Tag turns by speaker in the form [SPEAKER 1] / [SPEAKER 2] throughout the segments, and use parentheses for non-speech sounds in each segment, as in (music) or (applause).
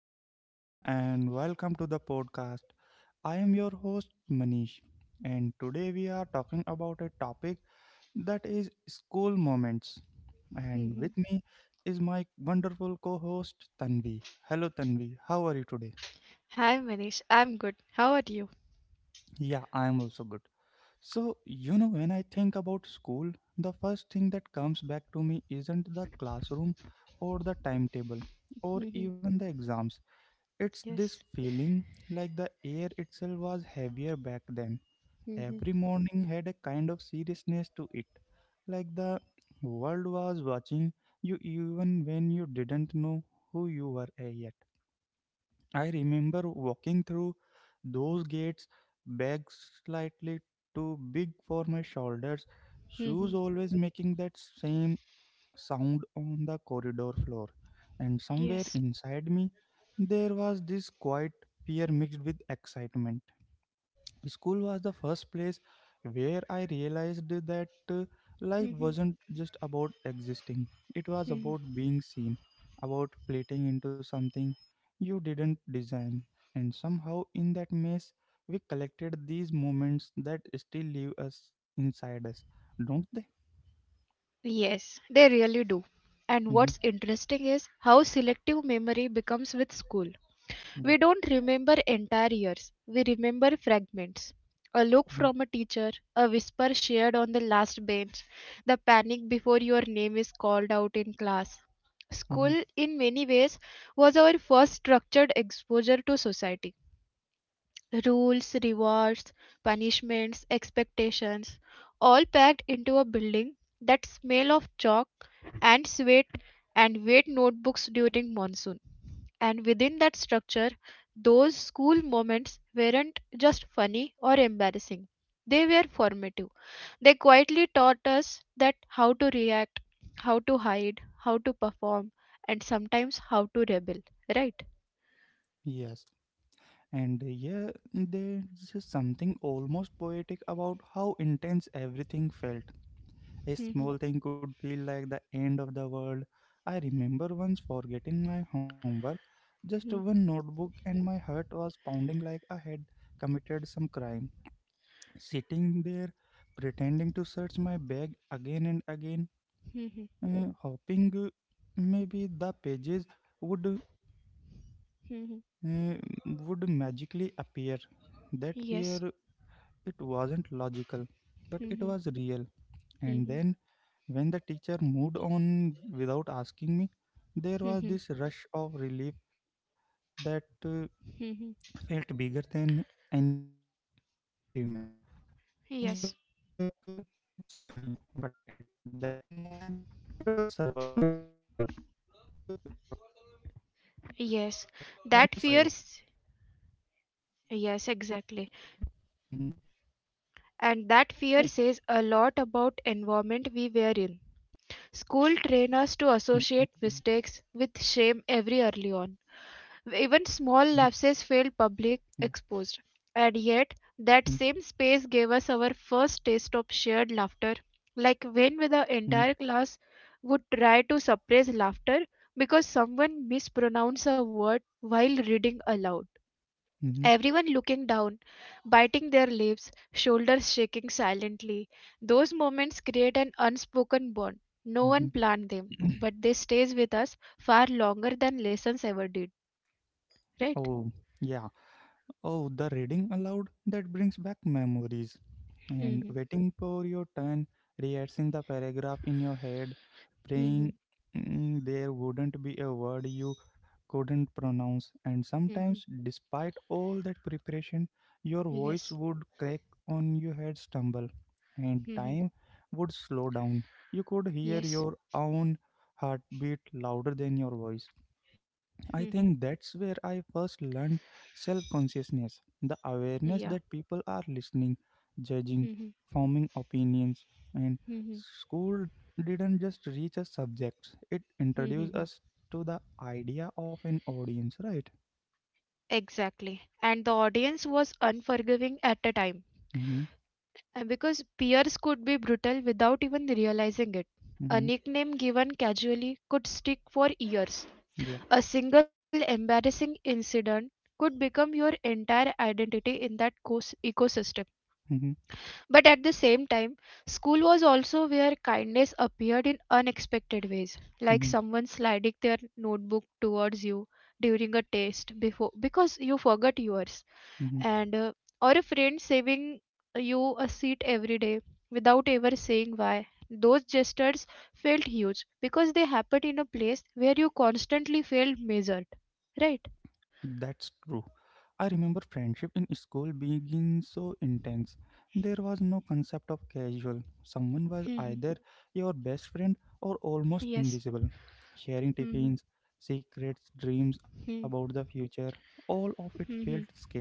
[SPEAKER 1] everyone, and welcome to the podcast. I am your host, Manish, and today we are talking about a topic that is school moments. And with
[SPEAKER 2] Mhm.
[SPEAKER 1] me is my wonderful co host, Tanvi. Hello, Tanvi, how are you today?
[SPEAKER 2] Hi Manish, I'm good. How are you?
[SPEAKER 1] Yeah, I am also good. So, when I think about school, the first thing that comes back to me isn't the classroom or the timetable or
[SPEAKER 2] Mhm.
[SPEAKER 1] even the exams. It's
[SPEAKER 2] Yes.
[SPEAKER 1] this feeling like the air itself was heavier back then.
[SPEAKER 2] Mhm.
[SPEAKER 1] Every morning had a kind of seriousness to it, like the world was watching you even when you didn't know who you were yet. I remember walking through those gates, bag slightly too big for my shoulders, shoes
[SPEAKER 2] Mhm.
[SPEAKER 1] always making that same sound on the corridor floor, and somewhere
[SPEAKER 2] Yes.
[SPEAKER 1] inside me there was this quiet fear mixed with excitement. School was the first place where I realized that life
[SPEAKER 2] Mhm.
[SPEAKER 1] wasn't just about existing, it was
[SPEAKER 2] Mhm.
[SPEAKER 1] about being seen, about fleeting into something you didn't design. And somehow, in that maze, we collected these moments that still live us inside us, don't they?
[SPEAKER 2] Yes, they really do. And
[SPEAKER 1] Hmm.
[SPEAKER 2] what's interesting is how selective memory becomes with school.
[SPEAKER 1] Yeah.
[SPEAKER 2] We don't remember entire years, we remember fragments. A look from a teacher, a whisper shared on the last bench, the panic before your name is called out in class.
[SPEAKER 1] Hmm.
[SPEAKER 2] School, in many ways, was our first structured exposure to society. Rules, rewards, punishments, expectations, all packed into a building. That smell of chalk and sweat and wet notebooks during monsoon. And within that structure, those school moments weren't just funny or embarrassing. They were formative. They quietly taught us that how to react, how to hide, how to perform, and sometimes how to rebel. Right?
[SPEAKER 1] Yes. And yeah, there's just something almost poetic about how intense everything felt. A
[SPEAKER 2] Mhm,
[SPEAKER 1] small thing could feel like the end of the world. I remember once forgetting my homework, just
[SPEAKER 2] mhm,
[SPEAKER 1] one notebook, and my heart was pounding like I had committed some crime. Sitting there, pretending to search my bag again and again,
[SPEAKER 2] mhm,
[SPEAKER 1] hoping maybe the pages would
[SPEAKER 2] mhm.
[SPEAKER 1] uh, magically appear. That fear.
[SPEAKER 2] Yes.
[SPEAKER 1] It wasn't logical, but it
[SPEAKER 2] Mhm.
[SPEAKER 1] was real. And
[SPEAKER 2] Mhm.
[SPEAKER 1] then, when the teacher moved on without asking me, there was
[SPEAKER 2] Mhm.
[SPEAKER 1] this rush of relief that
[SPEAKER 2] Mhm.
[SPEAKER 1] felt bigger than any achievement. Looking back, it's funny,
[SPEAKER 2] Yes,
[SPEAKER 1] but at that moment, it was survival, right?
[SPEAKER 2] yes. That fears,
[SPEAKER 1] Mm-hmm,
[SPEAKER 2] yes, exactly. And that fear says a lot about environment we were in. School
[SPEAKER 1] mm-hmm,
[SPEAKER 2] train us to associate mistakes with shame every early on.
[SPEAKER 1] yeah.
[SPEAKER 2] Even small lapses failed public
[SPEAKER 1] Mm-hmm,
[SPEAKER 2] exposed. And yet, that same space gave us our first taste of shared laughter, like
[SPEAKER 1] mm-hmm,
[SPEAKER 2] when the entire class would try to suppress laughter because someone mispronounced a word while reading aloud.
[SPEAKER 1] mm-hmm,
[SPEAKER 2] Everyone looking down, biting their lips, shoulders shaking silently. Those moments create an unspoken bond. No one planned them,
[SPEAKER 1] mm-hmm.
[SPEAKER 2] but they stays with us far longer than lessons ever did,
[SPEAKER 1] (clears throat)
[SPEAKER 2] right?
[SPEAKER 1] Oh, yeah. Oh, the reading aloud that brings back memories. And
[SPEAKER 2] (laughs)
[SPEAKER 1] waiting for your turn, rehearsing the paragraph in your head, praying
[SPEAKER 2] Mm-hmm.
[SPEAKER 1] there wouldn't be a word you couldn't pronounce. And
[SPEAKER 2] Mm-hmm.
[SPEAKER 1] sometimes, despite all that preparation, your voice
[SPEAKER 2] Yes.
[SPEAKER 1] would crack on your head, stumble, and
[SPEAKER 2] Mm-hmm.
[SPEAKER 1] time would slow down. You could hear
[SPEAKER 2] Yes.
[SPEAKER 1] your own heartbeat louder than your voice.
[SPEAKER 2] Mm-hmm.
[SPEAKER 1] I think that's where I first learned self consciousness, the
[SPEAKER 2] Yeah.
[SPEAKER 1] awareness that people are listening, judging,
[SPEAKER 2] Mm-hmm.
[SPEAKER 1] forming opinions. And
[SPEAKER 2] Mm-hmm.
[SPEAKER 1] school didn't just reach us subjects, it introduced
[SPEAKER 2] Mm-hmm.
[SPEAKER 1] us to the idea of an audience, right?
[SPEAKER 2] Exactly. And the audience was unforgiving at the time
[SPEAKER 1] Mm-hmm,
[SPEAKER 2] because peers could be brutal without even realizing it. A
[SPEAKER 1] mm-hmm,
[SPEAKER 2] nickname given casually could stick for years.
[SPEAKER 1] yeah.
[SPEAKER 2] A single embarrassing incident could become your entire identity in that ecosystem.
[SPEAKER 1] Mm-hmm,
[SPEAKER 2] But at the same time, school was also where kindness appeared in unexpected ways, like
[SPEAKER 1] mm-hmm,
[SPEAKER 2] someone sliding their notebook towards you during a test before because you forgot yours,
[SPEAKER 1] mm-hmm.
[SPEAKER 2] and or a friend saving you a seat every day without ever saying why. Those gestures felt huge because they happened in a place where you constantly felt measured, right?
[SPEAKER 1] That's true. I remember friendship in school being so intense. There was no concept of casual. Someone was
[SPEAKER 2] Mhm.
[SPEAKER 1] either your best friend or almost
[SPEAKER 2] Yes.
[SPEAKER 1] invisible. Sharing
[SPEAKER 2] Mhm.
[SPEAKER 1] tiffins, secrets, dreams about
[SPEAKER 2] Mhm.
[SPEAKER 1] the future, all of it felt
[SPEAKER 2] Mhm.
[SPEAKER 1] scared.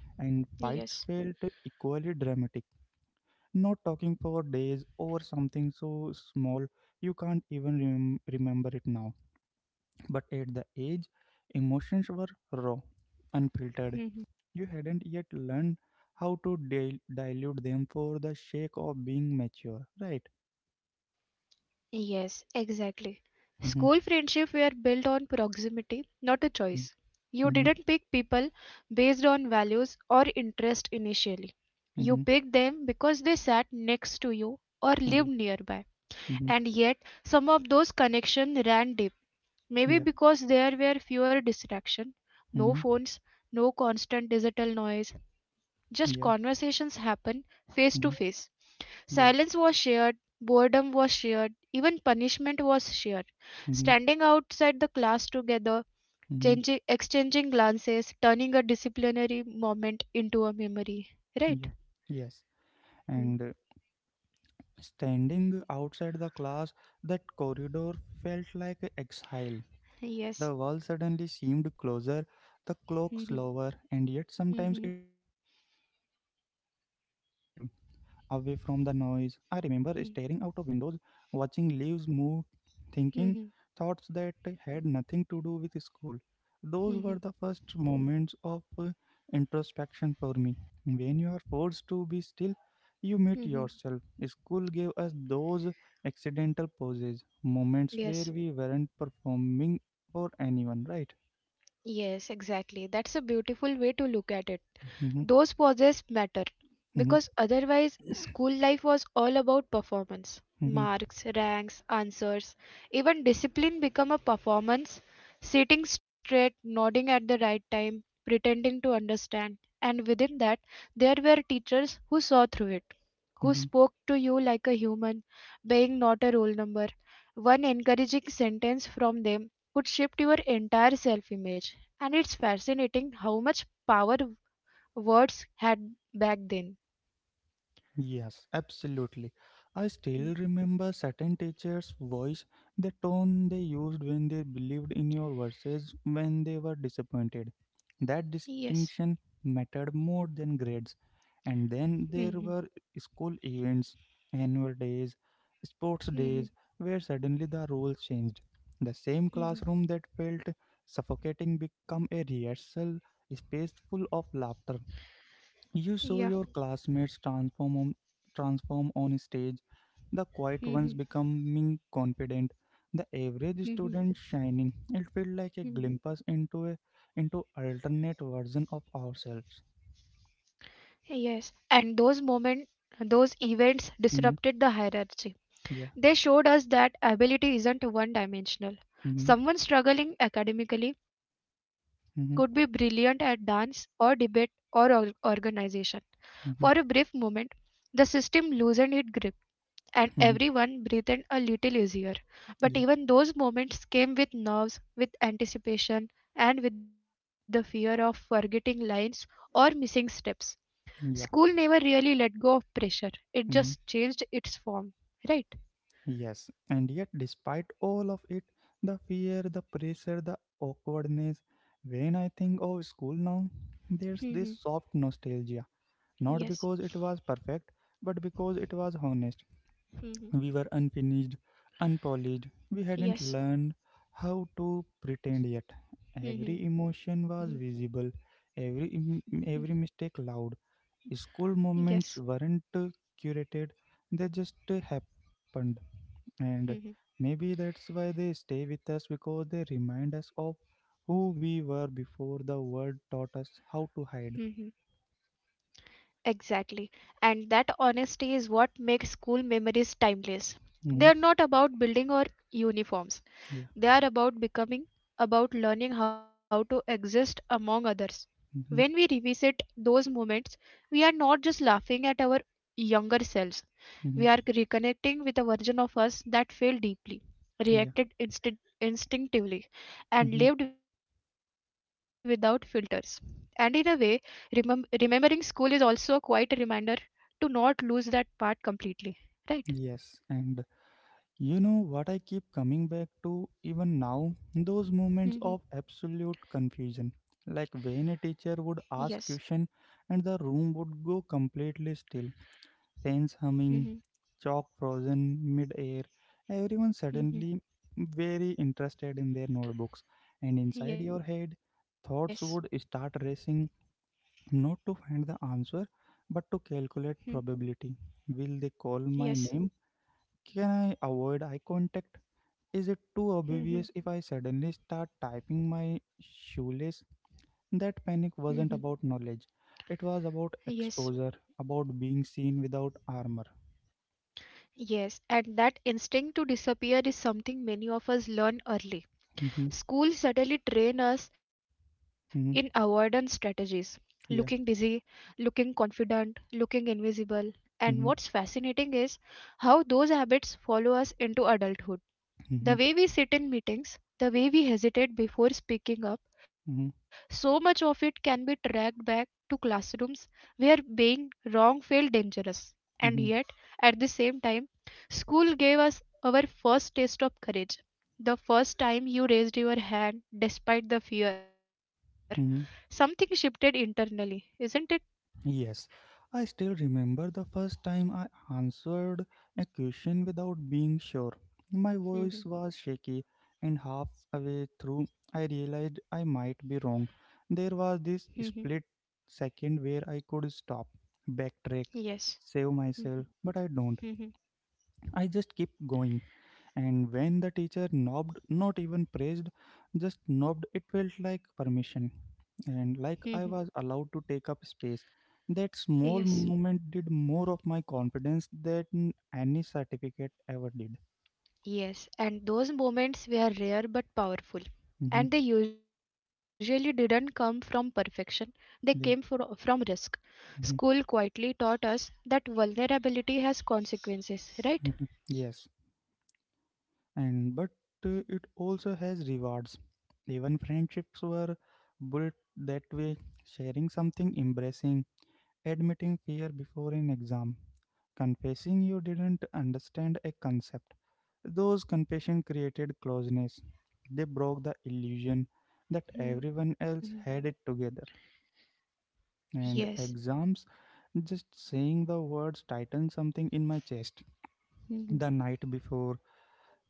[SPEAKER 1] And fights
[SPEAKER 2] Yes.
[SPEAKER 1] felt equally dramatic. Not talking for days over something so small you can't even remember it now. But at the age, emotions were raw, unfiltered.
[SPEAKER 2] Mhm.
[SPEAKER 1] You hadn't yet learned how to dilute them for the sake of being mature, right?
[SPEAKER 2] Yes, exactly.
[SPEAKER 1] Mm-hmm.
[SPEAKER 2] School friendship were built on proximity, not a choice. You
[SPEAKER 1] Mm-hmm.
[SPEAKER 2] didn't pick people based on values or interest initially. You
[SPEAKER 1] Mm-hmm.
[SPEAKER 2] picked them because they sat next to you or lived
[SPEAKER 1] Yeah.
[SPEAKER 2] nearby.
[SPEAKER 1] Mm-hmm.
[SPEAKER 2] And yet, some of those connections ran deep. Maybe
[SPEAKER 1] Yeah.
[SPEAKER 2] because there were fewer distractions, no
[SPEAKER 1] Mm-hmm.
[SPEAKER 2] phones, no constant digital noise, just
[SPEAKER 1] Yeah.
[SPEAKER 2] conversations happen face to
[SPEAKER 1] Mm-hmm.
[SPEAKER 2] face.
[SPEAKER 1] Yeah.
[SPEAKER 2] Silence was shared, boredom was shared, even punishment was shared.
[SPEAKER 1] Mm-hmm.
[SPEAKER 2] Standing outside the class together,
[SPEAKER 1] Mm-hmm.
[SPEAKER 2] changing, exchanging glances, turning a disciplinary moment into a memory.
[SPEAKER 1] Yeah.
[SPEAKER 2] Right?
[SPEAKER 1] Yes.
[SPEAKER 2] Mm.
[SPEAKER 1] And standing outside the class, that corridor felt like exile.
[SPEAKER 2] Yes.
[SPEAKER 1] The wall suddenly seemed closer, the clock
[SPEAKER 2] Mhm.
[SPEAKER 1] slower, and yet sometimes
[SPEAKER 2] Mhm.
[SPEAKER 1] it was oddly peaceful, away from the noise. I remember staring out of
[SPEAKER 2] Mhm.
[SPEAKER 1] windows, watching leaves move, thinking
[SPEAKER 2] Mhm.
[SPEAKER 1] thoughts that had nothing to do with school. Those were
[SPEAKER 2] Mhm.
[SPEAKER 1] the first moments of introspection for me. When you are forced to be still, you meet
[SPEAKER 2] Mhm.
[SPEAKER 1] yourself. School gave us those accidental pauses, moments where
[SPEAKER 2] Yes.
[SPEAKER 1] we weren't performing for anyone, right?
[SPEAKER 2] Yes, exactly. That's a beautiful way to look at it.
[SPEAKER 1] Mhm,
[SPEAKER 2] Those pauses matter
[SPEAKER 1] mhm,
[SPEAKER 2] because otherwise school life was all about performance.
[SPEAKER 1] mhm,
[SPEAKER 2] Marks, ranks, answers, even discipline become a performance. Sitting straight, nodding at the right time, pretending to understand. And within that, there were teachers who saw through it, who
[SPEAKER 1] mhm.
[SPEAKER 2] spoke to you like a human being, not a roll number. One encouraging sentence from them could shift your entire self image. And it's fascinating how much power words had back then.
[SPEAKER 1] Yes, absolutely. I
[SPEAKER 2] Mm.
[SPEAKER 1] still remember certain teachers' voice, the tone they used when they believed in your verses when they were disappointed. That
[SPEAKER 2] Yes.
[SPEAKER 1] distinction mattered more than grades. And then
[SPEAKER 2] Mhm,
[SPEAKER 1] there were school events, annual days, sports
[SPEAKER 2] mhm,
[SPEAKER 1] days, where suddenly the rules changed. The same
[SPEAKER 2] mhm.
[SPEAKER 1] classroom that felt suffocating became a rehearsal space full of laughter.
[SPEAKER 2] Yeah.
[SPEAKER 1] You saw your classmates transform on stage, the
[SPEAKER 2] Mhm,
[SPEAKER 1] quiet ones becoming confident, the average
[SPEAKER 2] mhm,
[SPEAKER 1] student shining. It felt like a
[SPEAKER 2] mhm.
[SPEAKER 1] glimpse into alternate version of ourselves.
[SPEAKER 2] Yes. And those moments, those events disrupted the
[SPEAKER 1] Hmm.
[SPEAKER 2] hierarchy. They
[SPEAKER 1] Yeah.
[SPEAKER 2] showed us that ability isn't one dimensional.
[SPEAKER 1] Mm-hmm.
[SPEAKER 2] Someone struggling academically could be brilliant at
[SPEAKER 1] Mm-hmm.
[SPEAKER 2] dance or debate or organization. For a brief moment,
[SPEAKER 1] Mm-hmm.
[SPEAKER 2] the system loosened its grip, and everyone
[SPEAKER 1] Mm-hmm.
[SPEAKER 2] breathed a little easier. But even those
[SPEAKER 1] Yeah.
[SPEAKER 2] moments came with nerves, with anticipation, and with the fear of forgetting lines or missing steps. School never
[SPEAKER 1] Yeah.
[SPEAKER 2] really let go of pressure, it just changed
[SPEAKER 1] Mm-hmm.
[SPEAKER 2] its form, right?
[SPEAKER 1] Yes, and yet, despite all of it, the fear, the pressure, the awkwardness, when I think of school now, there's this
[SPEAKER 2] Mm-hmm.
[SPEAKER 1] soft nostalgia. Not
[SPEAKER 2] Yes.
[SPEAKER 1] because it was perfect, but because it was honest.
[SPEAKER 2] Mm-hmm.
[SPEAKER 1] We were unfinished, unpolished, we hadn't
[SPEAKER 2] Yes.
[SPEAKER 1] learned how to pretend yet. Every
[SPEAKER 2] Mm-hmm.
[SPEAKER 1] emotion was visible, every mistake loud. School
[SPEAKER 2] Yes.
[SPEAKER 1] moments weren't curated, they just happened. And
[SPEAKER 2] Mm-hmm.
[SPEAKER 1] maybe that's why they stay with us, because they remind us of who we were before the world taught us
[SPEAKER 2] hmm
[SPEAKER 1] how to hide.
[SPEAKER 2] Exactly. And that honesty is what makes school memories timeless. They are not
[SPEAKER 1] Hmm.
[SPEAKER 2] about building or uniforms. They are
[SPEAKER 1] Yeah.
[SPEAKER 2] about becoming, about learning how to exist among others. When we
[SPEAKER 1] Hmm.
[SPEAKER 2] revisit those moments, we are not just laughing at our younger selves, we are
[SPEAKER 1] Hmm.
[SPEAKER 2] reconnecting with a version of us that felt deeply,
[SPEAKER 1] Yeah.
[SPEAKER 2] reacted instinctively,
[SPEAKER 1] Hmm.
[SPEAKER 2] and lived without filters. And in a way, remembering school is also a quiet reminder to not lose that part completely. Right?
[SPEAKER 1] Yes. And you know what I keep coming back to even now? Those moments
[SPEAKER 2] Hmm.
[SPEAKER 1] of absolute confusion. Like when a
[SPEAKER 2] Yes.
[SPEAKER 1] teacher would ask question and the room would go completely still. Fans
[SPEAKER 2] Hmm.
[SPEAKER 1] humming, chalk frozen mid-air, everyone
[SPEAKER 2] Hmm.
[SPEAKER 1] suddenly very interested in their notebooks, and inside
[SPEAKER 2] Yes.
[SPEAKER 1] your head, thoughts would start racing, not to find the answer but to calculate probability. Will they call
[SPEAKER 2] Yes.
[SPEAKER 1] my name? Can I avoid eye contact? Is it too
[SPEAKER 2] Mhm.
[SPEAKER 1] obvious if I suddenly start typing my shoelace? That
[SPEAKER 2] Mhm.
[SPEAKER 1] panic wasn't about knowledge. It was
[SPEAKER 2] Yes.
[SPEAKER 1] about exposure, about being seen without armor.
[SPEAKER 2] Yes. And that instinct to disappear is something many of us learn early. Schools certainly train us in avoidance
[SPEAKER 1] (laughs)
[SPEAKER 2] strategies, looking busy,
[SPEAKER 1] Yeah.
[SPEAKER 2] looking confident, looking invisible. And what's
[SPEAKER 1] Mm-hmm.
[SPEAKER 2] fascinating is how those habits follow us into adulthood. The
[SPEAKER 1] Mm-hmm.
[SPEAKER 2] way we sit in meetings, the way we hesitate before speaking up,
[SPEAKER 1] Mm-hmm.
[SPEAKER 2] so much of it can be tracked back to classrooms where being wrong felt dangerous. And yet,
[SPEAKER 1] Mm-hmm.
[SPEAKER 2] at the same time, school gave us our first taste of courage. The first time you raised your hand despite the fear, something
[SPEAKER 1] Mm-hmm.
[SPEAKER 2] shifted internally, isn't it?
[SPEAKER 1] Yes. I still remember the first time I answered a question without being sure. My
[SPEAKER 2] Mhm,
[SPEAKER 1] voice was shaky, and halfway through, I realized I might be wrong. There was
[SPEAKER 2] mhm,
[SPEAKER 1] this split second where I could stop, backtrack,
[SPEAKER 2] yes.
[SPEAKER 1] save
[SPEAKER 2] Mhm,
[SPEAKER 1] myself, but I don't.
[SPEAKER 2] mhm,
[SPEAKER 1] I just kept going. And when the teacher knobbed, not even praised, just knobbed, it felt like permission.
[SPEAKER 2] mhm,
[SPEAKER 1] And like I was allowed to take up space. That
[SPEAKER 2] yes.
[SPEAKER 1] small moment did more of my confidence than any certificate ever did.
[SPEAKER 2] Yes, and those moments were rare but powerful.
[SPEAKER 1] Hmm.
[SPEAKER 2] And they usually didn't come from perfection, they came from
[SPEAKER 1] Yeah.
[SPEAKER 2] risk. School
[SPEAKER 1] Mhm.
[SPEAKER 2] quietly taught us that vulnerability has consequences, right?
[SPEAKER 1] Mhm. Yes. And but it also has rewards. Even friendships were built that way, sharing something embracing. Admitting fear before an exam. Confessing you didn't understand a concept. Those confessions created closeness. They broke the illusion that
[SPEAKER 2] Mhm.
[SPEAKER 1] everyone else had it together.
[SPEAKER 2] Yes.
[SPEAKER 1] And exams, just saying the words tightened something in my chest.
[SPEAKER 2] Mhm.
[SPEAKER 1] The night before,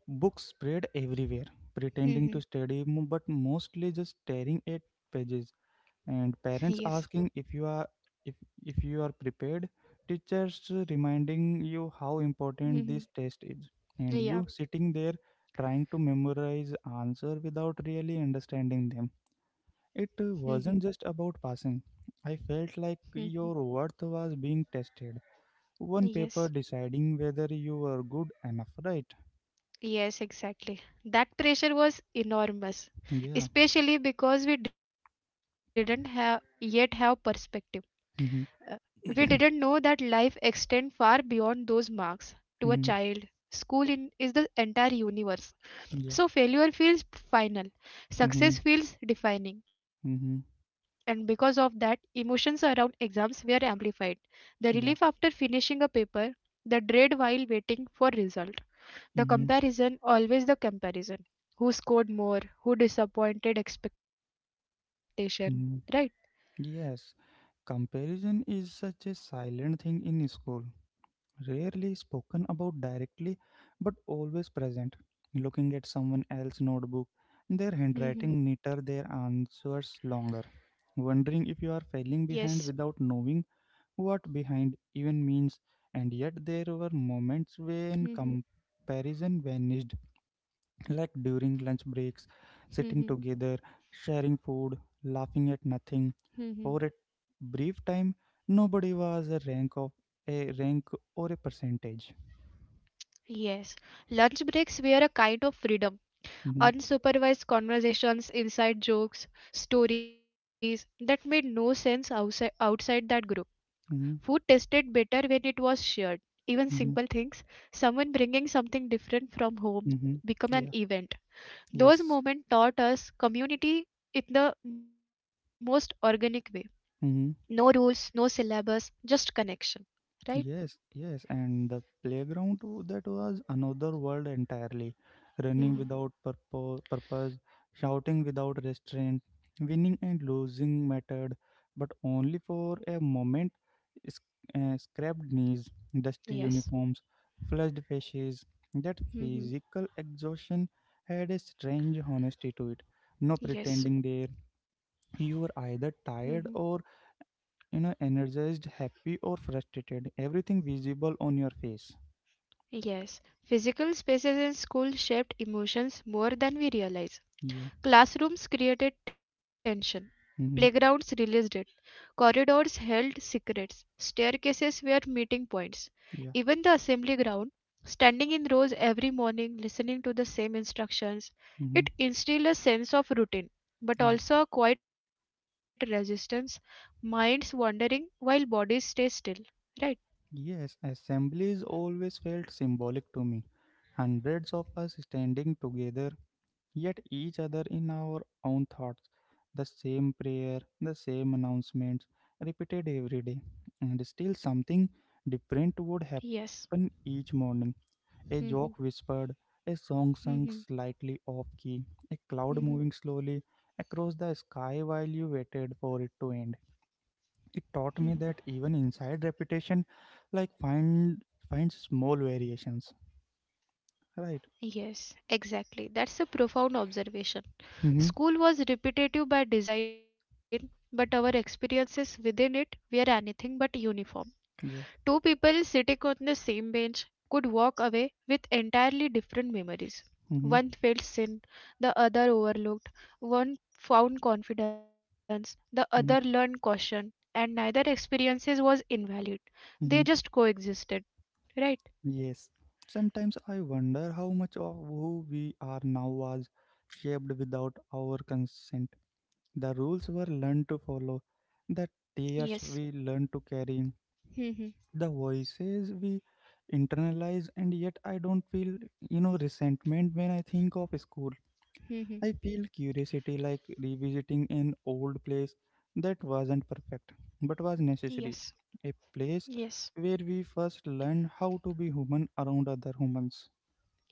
[SPEAKER 1] books spread everywhere, pretending
[SPEAKER 2] Mhm.
[SPEAKER 1] to study, but mostly just staring at pages,
[SPEAKER 2] Yes.
[SPEAKER 1] and parents asking if if you are prepared, teachers reminding you how important
[SPEAKER 2] Mhm.
[SPEAKER 1] this test is, and
[SPEAKER 2] Yeah.
[SPEAKER 1] you sitting there trying to memorize answer without really understanding them.
[SPEAKER 2] Mhm.
[SPEAKER 1] It wasn't just about passing. I felt
[SPEAKER 2] Mhm.
[SPEAKER 1] like your worth was being tested, one
[SPEAKER 2] Yes.
[SPEAKER 1] paper deciding whether you were good enough, right?
[SPEAKER 2] Yes, exactly. That pressure was enormous,
[SPEAKER 1] Yeah.
[SPEAKER 2] especially because we didn't have yet have perspective. Uh,
[SPEAKER 1] Mm-hmm.
[SPEAKER 2] We didn't know
[SPEAKER 1] (coughs)
[SPEAKER 2] that life extends far beyond those marks to a
[SPEAKER 1] (clears throat) Mm-hmm.
[SPEAKER 2] child. School is the entire universe.
[SPEAKER 1] Yeah.
[SPEAKER 2] So failure feels final,
[SPEAKER 1] Mm-hmm.
[SPEAKER 2] success feels defining. And
[SPEAKER 1] Mm-hmm.
[SPEAKER 2] because of that, emotions around exams were amplified. The relief after
[SPEAKER 1] Yeah.
[SPEAKER 2] finishing a paper, the dread while waiting for result. The
[SPEAKER 1] Mm-hmm.
[SPEAKER 2] comparison, always the comparison. Who scored more? Who disappointed expectation? Right?
[SPEAKER 1] Mm-hmm. Yes. Comparison is such a silent thing in school, rarely spoken about directly, but always present. Looking at someone else's notebook, their handwriting
[SPEAKER 2] Hmm.
[SPEAKER 1] neater, their answers longer. Wondering if you are
[SPEAKER 2] Yes.
[SPEAKER 1] falling behind without knowing what behind even means, and yet there were moments
[SPEAKER 2] Hmm.
[SPEAKER 1] when comparison vanished, like during lunch breaks, sitting
[SPEAKER 2] (laughs)
[SPEAKER 1] together, sharing food, laughing at
[SPEAKER 2] Mhm.
[SPEAKER 1] nothing. For a brief time, nobody was a rank or a percentage.
[SPEAKER 2] Yes, lunch breaks were a kind of freedom.
[SPEAKER 1] Mm-hmm,
[SPEAKER 2] Unsupervised conversations, inside jokes, stories that made no sense outside that group. Food
[SPEAKER 1] mm-hmm,
[SPEAKER 2] tasted better when it was shared. Even simple
[SPEAKER 1] mm-hmm,
[SPEAKER 2] things, someone bringing something different from home,
[SPEAKER 1] mm-hmm.
[SPEAKER 2] become an
[SPEAKER 1] Yeah.
[SPEAKER 2] event. Those
[SPEAKER 1] Yes.
[SPEAKER 2] moments taught us community in the most organic way. No
[SPEAKER 1] Mm-hmm.
[SPEAKER 2] rules, no syllabus, just connection. Right?
[SPEAKER 1] Yes, yes, and the playground too, that was another world entirely. Running
[SPEAKER 2] Hmm.
[SPEAKER 1] without purpose, shouting without restraint, winning and losing mattered, but only for a moment. Sc- scrapped knees, dusty
[SPEAKER 2] Yes.
[SPEAKER 1] uniforms, flushed faces. That
[SPEAKER 2] Mhm.
[SPEAKER 1] physical exhaustion had a strange honesty to it. No pretending
[SPEAKER 2] Yes.
[SPEAKER 1] there. You were either
[SPEAKER 2] Hmm.
[SPEAKER 1] tired or energized, happy or frustrated, everything visible on your face.
[SPEAKER 2] Yes, physical spaces in school shaped emotions more than we realize.
[SPEAKER 1] Yeah.
[SPEAKER 2] Classrooms created tension,
[SPEAKER 1] Mm-hmm.
[SPEAKER 2] playgrounds released it, corridors held secrets, staircases were meeting points.
[SPEAKER 1] Yeah.
[SPEAKER 2] Even the assembly ground, standing in rows every morning, listening to the same instructions,
[SPEAKER 1] Mm-hmm.
[SPEAKER 2] it instilled a sense of routine, but
[SPEAKER 1] Yeah.
[SPEAKER 2] also a quiet resistance, minds wandering while bodies stay still. Right?
[SPEAKER 1] Yes. Assemblies always felt symbolic to me. Hundreds of us standing together, yet each other in our own thoughts. The same prayer, the same announcements repeated every day, and still something different would
[SPEAKER 2] Yes.
[SPEAKER 1] happen each morning. A joke whispered, a song sung slightly off key, a cloud moving slowly across the sky while you waited for it to end. It
[SPEAKER 2] (laughs)
[SPEAKER 1] taught me that even inside repetition, like find small variations. Right.
[SPEAKER 2] Yes, exactly. That's a profound observation.
[SPEAKER 1] Mm-hmm.
[SPEAKER 2] School was repetitive by design, but our experiences within it were anything but uniform. Two
[SPEAKER 1] Yeah.
[SPEAKER 2] people sitting on the same bench could walk away with entirely different memories. One
[SPEAKER 1] Mm-hmm.
[SPEAKER 2] felt sin, the other overlooked. One found confidence, the other learned
[SPEAKER 1] Mm-hmm.
[SPEAKER 2] caution, and neither experiences was invalid. They just
[SPEAKER 1] Mm-hmm.
[SPEAKER 2] coexisted, right?
[SPEAKER 1] Yes. Sometimes I wonder how much of who we are now was shaped without our consent. The rules were learned to follow, the tears
[SPEAKER 2] Yes.
[SPEAKER 1] we learned to carry,
[SPEAKER 2] (laughs) Hmm.
[SPEAKER 1] the voices we internalize, and yet I don't feel resentment when I think of school.
[SPEAKER 2] Hmm.
[SPEAKER 1] I feel curiosity, like revisiting an old place that wasn't perfect but was
[SPEAKER 2] Yes.
[SPEAKER 1] necessary, a place
[SPEAKER 2] Yes.
[SPEAKER 1] where we first learned how to be human around other humans.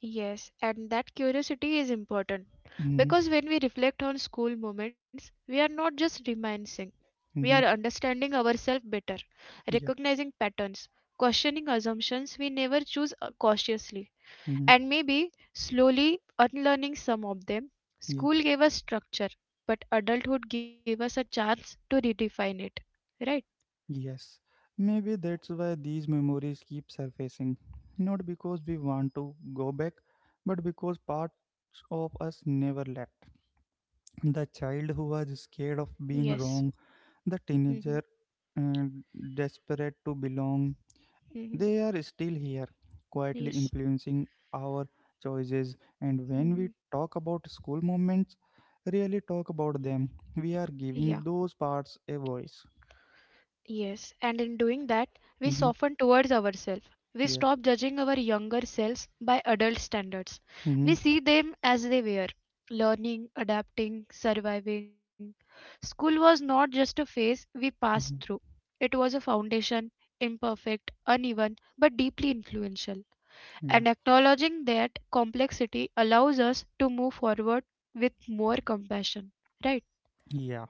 [SPEAKER 2] Yes, and that curiosity is important
[SPEAKER 1] Mm-hmm.
[SPEAKER 2] because when we reflect on school moments, we are not just reminiscing, we are
[SPEAKER 1] Mm-hmm.
[SPEAKER 2] understanding ourselves better,
[SPEAKER 1] Yeah.
[SPEAKER 2] recognizing patterns, questioning assumptions we never choose cautiously,
[SPEAKER 1] Mm-hmm.
[SPEAKER 2] and maybe slowly unlearning some of them.
[SPEAKER 1] Yeah.
[SPEAKER 2] School gave us structure, but adulthood gave us a chance to redefine it. Right?
[SPEAKER 1] Yes, maybe that's why these memories keep surfacing. Not because we want to go back, but because parts of us never left. The child who was scared of
[SPEAKER 2] Yes.
[SPEAKER 1] being wrong, the
[SPEAKER 2] Hmm.
[SPEAKER 1] teenager uh, desperate to belong,
[SPEAKER 2] Hmm.
[SPEAKER 1] they are still here, quietly
[SPEAKER 2] Yes.
[SPEAKER 1] influencing our choices. And when
[SPEAKER 2] Hmm.
[SPEAKER 1] we talk about school moments, really talk about them, we are
[SPEAKER 2] Yeah.
[SPEAKER 1] giving those parts a voice.
[SPEAKER 2] Yes, and in doing that, we
[SPEAKER 1] Hmm.
[SPEAKER 2] soften towards ourselves. We
[SPEAKER 1] Yeah.
[SPEAKER 2] stop judging our younger selves by adult standards. We
[SPEAKER 1] Hmm.
[SPEAKER 2] see them as they were learning, adapting, surviving. School was not just a phase we passed through, it was a foundation, imperfect, uneven, but deeply influential.
[SPEAKER 1] Yeah.
[SPEAKER 2] And acknowledging that complexity allows us to move forward with more compassion. Right?
[SPEAKER 1] Yeah.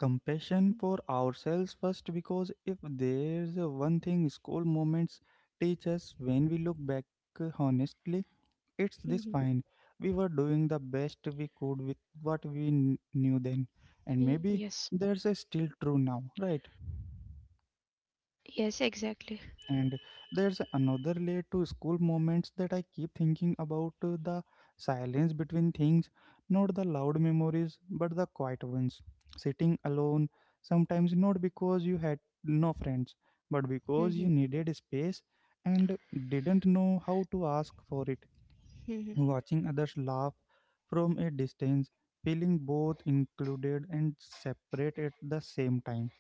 [SPEAKER 1] Compassion for ourselves first, because if there's a one thing school moments teach us when we look back honestly, it's this
[SPEAKER 2] Hmm.
[SPEAKER 1] fine. We were doing the best we could with what we knew then, and maybe
[SPEAKER 2] Yes.
[SPEAKER 1] there's a still true now, right?
[SPEAKER 2] Yes, exactly.
[SPEAKER 1] And there's another layer to school moments that I keep thinking about, the silence between things, not the loud memories, but the quiet ones. Sitting alone, sometimes not because you had no friends, but because you needed space and didn't know how to ask for it.
[SPEAKER 2] Hmm.
[SPEAKER 1] Watching others laugh from a distance, feeling both included and separate at the same time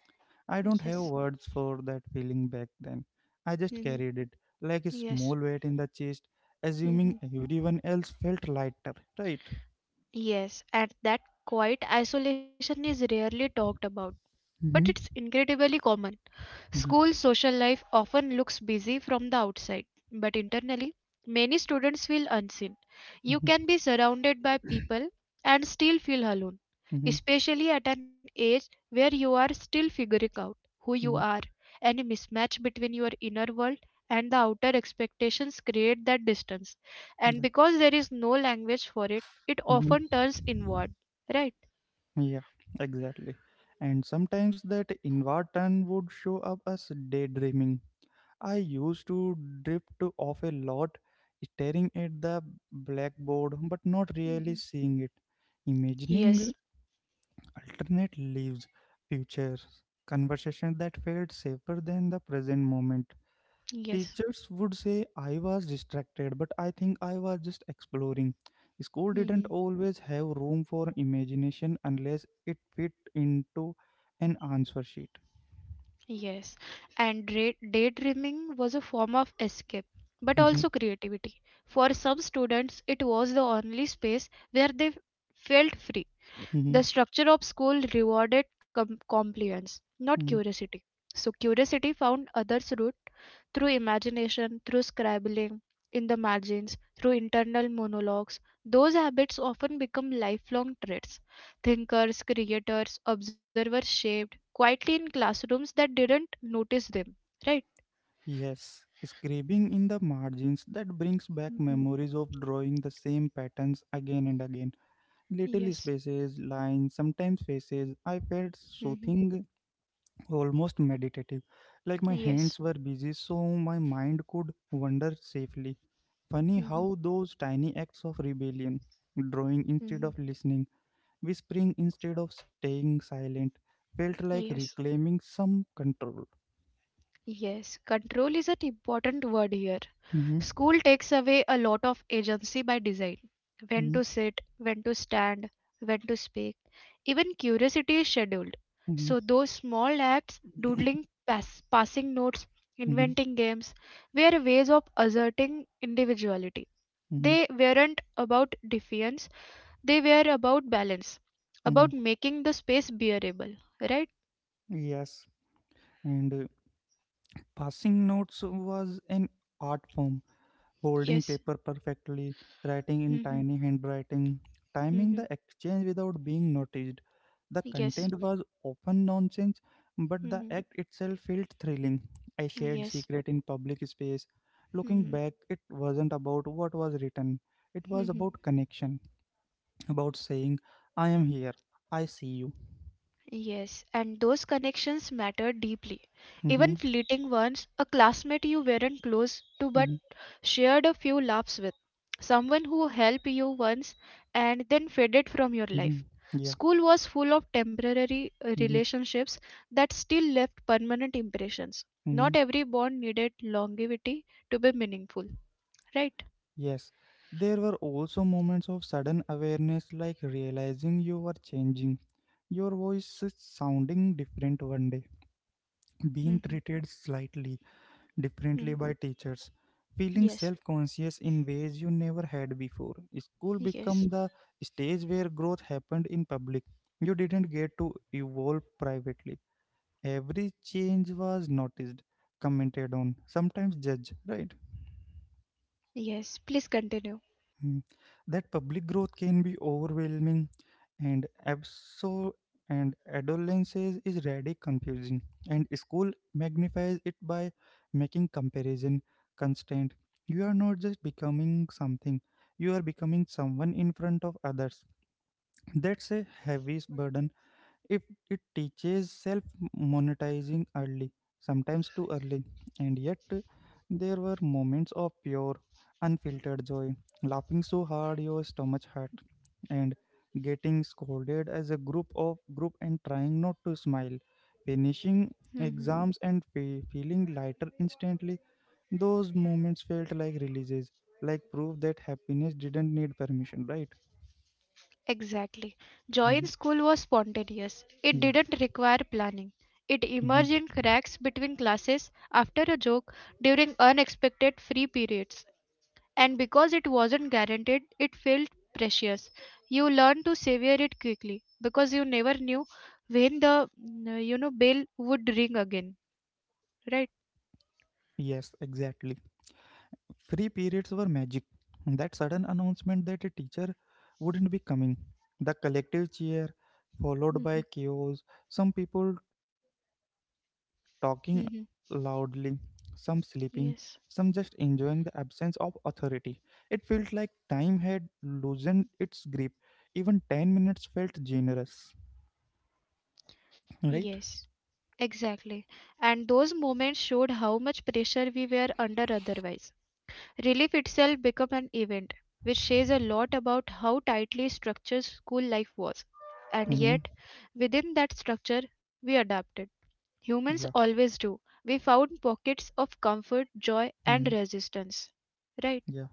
[SPEAKER 1] I don't
[SPEAKER 2] Yes.
[SPEAKER 1] have words for that feeling back then. I just
[SPEAKER 2] Hmm.
[SPEAKER 1] carried it like a
[SPEAKER 2] Yes.
[SPEAKER 1] small weight in the chest,
[SPEAKER 2] Hmm.
[SPEAKER 1] assuming everyone else felt lighter, right?
[SPEAKER 2] Yes. And that quiet isolation is rarely talked about, but it's
[SPEAKER 1] Hmm.
[SPEAKER 2] incredibly common.
[SPEAKER 1] Mhm,
[SPEAKER 2] School social life often looks busy from the outside, but internally, many students feel unseen. You
[SPEAKER 1] mhm,
[SPEAKER 2] can be surrounded by people and still feel alone,
[SPEAKER 1] mhm,
[SPEAKER 2] especially at an age where you are still figuring out who you
[SPEAKER 1] mhm,
[SPEAKER 2] are. Any mismatch between your inner world and the outer expectations create that distance. And
[SPEAKER 1] yeah.
[SPEAKER 2] because there is no language for it, it
[SPEAKER 1] Mhm.
[SPEAKER 2] often turns inward. Right?
[SPEAKER 1] Yeah, exactly. And sometimes that inward turn would show up as daydreaming. I used to drift off a lot, staring at the blackboard, but not
[SPEAKER 2] Mhm.
[SPEAKER 1] really seeing it,
[SPEAKER 2] Yes.
[SPEAKER 1] imagining alternate lives, futures, conversations that felt safer than the present moment.
[SPEAKER 2] Yes.
[SPEAKER 1] Teachers would say I was distracted, but I think I was just exploring. School didn't
[SPEAKER 2] Mhm.
[SPEAKER 1] always have room for imagination unless it fit into an answer sheet.
[SPEAKER 2] Yes, and daydreaming was a form of escape, but
[SPEAKER 1] Mhm,
[SPEAKER 2] also creativity. For some students, it was the only space where they felt free.
[SPEAKER 1] mhm,
[SPEAKER 2] The structure of school rewarded compliance, not
[SPEAKER 1] mhm.
[SPEAKER 2] curiosity. So curiosity found others' route through imagination, through scribbling in the margins, through internal monologues. Those habits often become lifelong traits. Thinkers, creators, observers shaped quietly in classrooms that didn't notice them. Right?
[SPEAKER 1] Yes, scribbling in the margins that brings back
[SPEAKER 2] Hmm.
[SPEAKER 1] memories of drawing the same patterns again and again little
[SPEAKER 2] Yes.
[SPEAKER 1] spaces, lines, sometimes faces. I felt
[SPEAKER 2] Hmm.
[SPEAKER 1] soothing almost meditative. Like my
[SPEAKER 2] Yes.
[SPEAKER 1] hands were busy, so my mind could wander safely. Funny
[SPEAKER 2] Hmm.
[SPEAKER 1] how those tiny acts of rebellion, drawing instead
[SPEAKER 2] Hmm.
[SPEAKER 1] of listening, whispering instead of staying silent, felt like
[SPEAKER 2] Yes.
[SPEAKER 1] reclaiming some control.
[SPEAKER 2] Yes, control is an important word here.
[SPEAKER 1] Hmm.
[SPEAKER 2] School takes away a lot of agency by design. When
[SPEAKER 1] Hmm.
[SPEAKER 2] to sit, when to stand, when to speak. Even curiosity is scheduled.
[SPEAKER 1] Hmm.
[SPEAKER 2] So, those small acts, doodling,
[SPEAKER 1] (coughs)
[SPEAKER 2] passing notes,
[SPEAKER 1] Hmm.
[SPEAKER 2] inventing games, were ways of asserting individuality.
[SPEAKER 1] Hmm.
[SPEAKER 2] They weren't about defiance, they were about balance,
[SPEAKER 1] Hmm.
[SPEAKER 2] about making the space bearable, right?
[SPEAKER 1] (coughs) Yes, and passing notes was an art form folding
[SPEAKER 2] Yes.
[SPEAKER 1] paper perfectly, writing in tiny
[SPEAKER 2] Hmm.
[SPEAKER 1] handwriting, timing the
[SPEAKER 2] Hmm.
[SPEAKER 1] exchange without being noticed. The
[SPEAKER 2] Yes.
[SPEAKER 1] content was often nonsense, but the
[SPEAKER 2] Mm-hmm.
[SPEAKER 1] act itself felt thrilling. I shared
[SPEAKER 2] Yes.
[SPEAKER 1] secret in public space. Looking
[SPEAKER 2] Mhm.
[SPEAKER 1] back, it wasn't about what was written. It was
[SPEAKER 2] Mhm.
[SPEAKER 1] about connection, about saying, I am here, I see you.
[SPEAKER 2] Yes, and those connections matter deeply.
[SPEAKER 1] Mm-hmm,
[SPEAKER 2] Even fleeting ones, a classmate you weren't close to but
[SPEAKER 1] mm-hmm,
[SPEAKER 2] shared a few laughs with, someone who helped you once and then faded from your
[SPEAKER 1] mm-hmm.
[SPEAKER 2] life.
[SPEAKER 1] Yeah.
[SPEAKER 2] School was full of temporary
[SPEAKER 1] Mm-hmm,
[SPEAKER 2] relationships that still left permanent impressions.
[SPEAKER 1] mm-hmm.
[SPEAKER 2] Not every bond needed longevity to be meaningful, right?
[SPEAKER 1] Yes, there were also moments of sudden awareness, like realizing you were changing. Your voice is sounding different one day,
[SPEAKER 2] Mhm.
[SPEAKER 1] being treated slightly
[SPEAKER 2] Mhm.
[SPEAKER 1] differently by teachers, feeling
[SPEAKER 2] Yes,
[SPEAKER 1] self conscious in ways you never had before. School became
[SPEAKER 2] yes,
[SPEAKER 1] the stage where growth happened in public. You didn't get to evolve privately. Every change was noticed, commented on, sometimes judged, right?
[SPEAKER 2] yes. Please continue.
[SPEAKER 1] Mm, that public growth can be overwhelming and abso and adolescence is really confusing and school magnifies it by making comparison constant. You are not just becoming something, you are becoming someone in front of others. That's a heavy burden if it teaches self monetizing early, sometimes too early. And yet there were moments of pure unfiltered joy, laughing so hard your stomach hurt, and getting scolded as a group and trying not to smile, finishing exams and feeling lighter instantly. Those moments felt like releases, like proof that happiness didn't need permission, right?
[SPEAKER 2] Exactly. Joy in
[SPEAKER 1] Mhm.
[SPEAKER 2] school was spontaneous. It
[SPEAKER 1] Yeah.
[SPEAKER 2] didn't require planning. It
[SPEAKER 1] Mhm.
[SPEAKER 2] emerged in cracks between classes, after a joke, during unexpected free periods. And because it wasn't guaranteed, it felt precious. You learned to savor it quickly because you never knew when the bell would ring again, right?
[SPEAKER 1] Yes, exactly. Free periods were magic. That sudden announcement that a teacher wouldn't be coming, the collective cheer, followed by
[SPEAKER 2] Mhm,
[SPEAKER 1] chaos, some people talking loudly,
[SPEAKER 2] mhm.
[SPEAKER 1] some sleeping, some just enjoying the
[SPEAKER 2] Yes.
[SPEAKER 1] absence of authority. It felt like time had loosened its grip. Even 10 minutes felt generous, right?
[SPEAKER 2] Yes. Exactly. And those moments showed how much pressure we were under otherwise. Relief itself became an event, which says a lot about how tightly structured school life was. And
[SPEAKER 1] Mm-hmm.
[SPEAKER 2] yet, within that structure, we adapted. Humans
[SPEAKER 1] Yeah.
[SPEAKER 2] always do. We found pockets of comfort, joy, and
[SPEAKER 1] Hmm.
[SPEAKER 2] resistance. Right?
[SPEAKER 1] Yeah.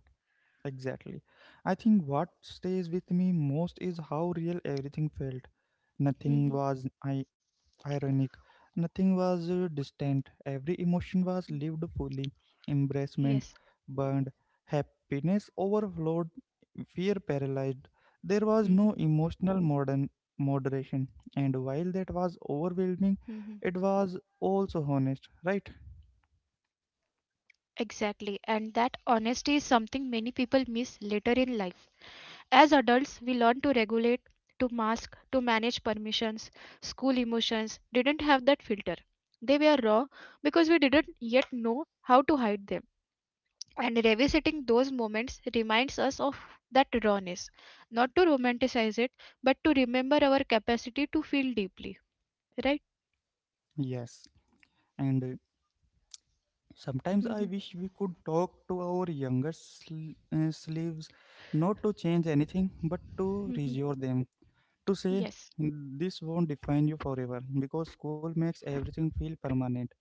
[SPEAKER 1] Exactly. I think what stays with me most is how real everything felt.
[SPEAKER 2] Mhm.
[SPEAKER 1] Nothing was ironic, nothing was distant. Every emotion
[SPEAKER 2] Mm.
[SPEAKER 1] was lived fully.
[SPEAKER 2] Yes.
[SPEAKER 1] Embracement burned, happiness overflowed, fear paralyzed. There was
[SPEAKER 2] Mhm.
[SPEAKER 1] no emotional modern moderation, and while
[SPEAKER 2] Mhm.
[SPEAKER 1] that was overwhelming, it was also honest, right?
[SPEAKER 2] Exactly. And that honesty is something many people miss later in life. As adults, we learn to regulate, to mask, to manage permissions. School emotions didn't have that filter. They were raw because we didn't yet know how to hide them. And revisiting those moments reminds us of that rawness, not to romanticize it, but to remember our capacity to feel deeply, right?
[SPEAKER 1] Yes, and sometimes I
[SPEAKER 2] Mhm,
[SPEAKER 1] wish we could talk to our younger slaves, not to change anything, but to
[SPEAKER 2] mhm,
[SPEAKER 1] reassure them, to say
[SPEAKER 2] yes.
[SPEAKER 1] this won't define you forever because school makes everything feel permanent.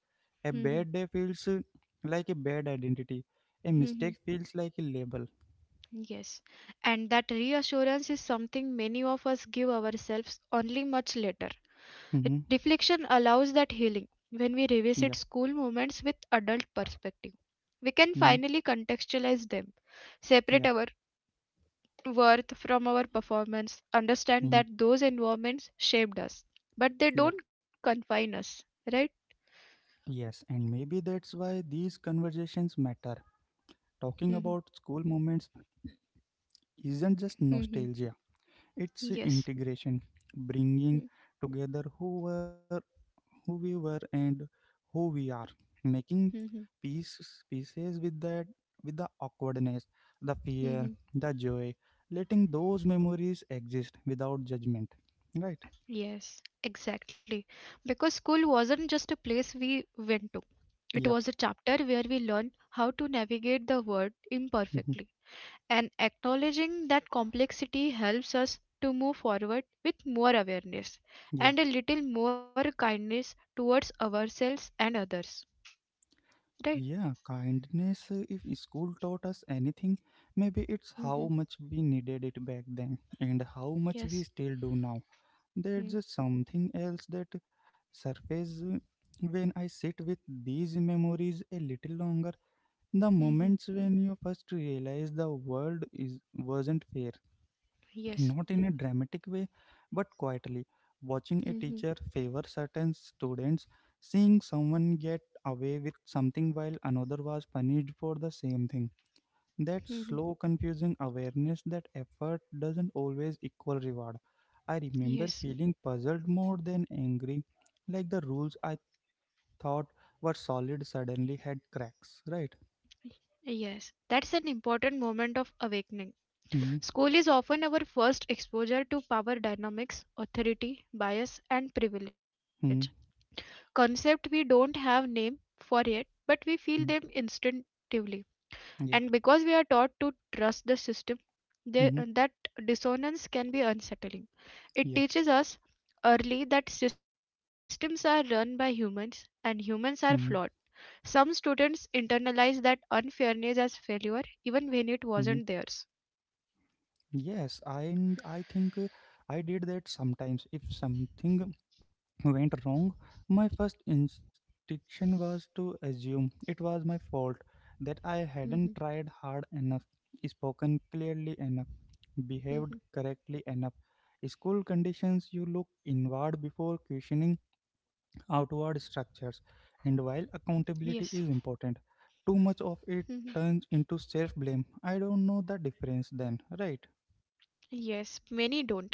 [SPEAKER 1] A
[SPEAKER 2] Mhm,
[SPEAKER 1] bad day feels like a bad identity. A mistake
[SPEAKER 2] mhm,
[SPEAKER 1] feels like a label.
[SPEAKER 2] yes. And that reassurance is something many of us give ourselves only much later.
[SPEAKER 1] Hmm.
[SPEAKER 2] Reflection allows that healing when we
[SPEAKER 1] Yeah.
[SPEAKER 2] revisit school moments with adult perspective. We can
[SPEAKER 1] Hmm.
[SPEAKER 2] finally contextualize them,
[SPEAKER 1] Yeah.
[SPEAKER 2] separate our worth from our performance, understand
[SPEAKER 1] Hmm.
[SPEAKER 2] that those environments shaped us, but they
[SPEAKER 1] Yeah.
[SPEAKER 2] don't confine us, right?
[SPEAKER 1] Yes. And maybe that's why these conversations matter. Talking
[SPEAKER 2] Mm-hmm.
[SPEAKER 1] about school moments isn't just
[SPEAKER 2] Mm-hmm.
[SPEAKER 1] nostalgia, it's
[SPEAKER 2] Yes.
[SPEAKER 1] integration, bringing together who we were and who we are, making
[SPEAKER 2] Mm-hmm.
[SPEAKER 1] peace pieces with that, with the awkwardness, the fear,
[SPEAKER 2] Mm-hmm.
[SPEAKER 1] the joy, letting those memories exist without judgment, right?
[SPEAKER 2] Yes, exactly. Because school wasn't just a place we went to, it was
[SPEAKER 1] Yeah.
[SPEAKER 2] a chapter where we learn how to navigate the world imperfectly.
[SPEAKER 1] (laughs)
[SPEAKER 2] And acknowledging that complexity helps us to move forward with more awareness and a
[SPEAKER 1] Yeah.
[SPEAKER 2] little more kindness towards ourselves and others. Right?
[SPEAKER 1] Yeah, kindness, if school taught us anything, maybe it's
[SPEAKER 2] Mm-hmm.
[SPEAKER 1] how much we needed it back then and how much
[SPEAKER 2] Yes.
[SPEAKER 1] we still do now. There's
[SPEAKER 2] Hmm.
[SPEAKER 1] just something else that surfaces when I sit with these memories a little longer. The
[SPEAKER 2] Mm-hmm.
[SPEAKER 1] moments when you first realize the world is wasn't fair,
[SPEAKER 2] Yes.
[SPEAKER 1] not in a dramatic way, but quietly. Watching a
[SPEAKER 2] Mm-hmm.
[SPEAKER 1] teacher favor certain students, seeing someone get away with something while another was punished for the same thing. That
[SPEAKER 2] Mm-hmm.
[SPEAKER 1] slow, confusing awareness that effort doesn't always equal reward. I remember
[SPEAKER 2] Yes.
[SPEAKER 1] feeling puzzled more than angry, like the rules I thought were solid suddenly had cracks, right?
[SPEAKER 2] Yes, that's an important moment of awakening.
[SPEAKER 1] Mm-hmm.
[SPEAKER 2] School is often our first exposure to power dynamics, authority, bias, and privilege.
[SPEAKER 1] Mm-hmm.
[SPEAKER 2] Concept we don't have name for yet, but we feel them instinctively. And
[SPEAKER 1] Yeah.
[SPEAKER 2] because we are taught to trust the system, there,
[SPEAKER 1] Mm-hmm.
[SPEAKER 2] that dissonance can be unsettling. It
[SPEAKER 1] Yeah.
[SPEAKER 2] teaches us early that systems are run by humans and humans are flawed.
[SPEAKER 1] Mm-hmm.
[SPEAKER 2] Some students internalize that unfairness as failure even when it wasn't
[SPEAKER 1] Mm-hmm.
[SPEAKER 2] theirs.
[SPEAKER 1] Yes, and I think I did that sometimes. If something went wrong, my first instinction was to assume it was my fault, that I
[SPEAKER 2] Mhm,
[SPEAKER 1] hadn't tried hard enough, spoken clearly enough, behaved
[SPEAKER 2] mhm.
[SPEAKER 1] correctly enough. School conditions you look inward before questioning outward structures, and while
[SPEAKER 2] Yes.
[SPEAKER 1] accountability is important, too much of
[SPEAKER 2] Mhm.
[SPEAKER 1] it turns into self blame. I don't know the difference then, right?
[SPEAKER 2] Yes, many don't,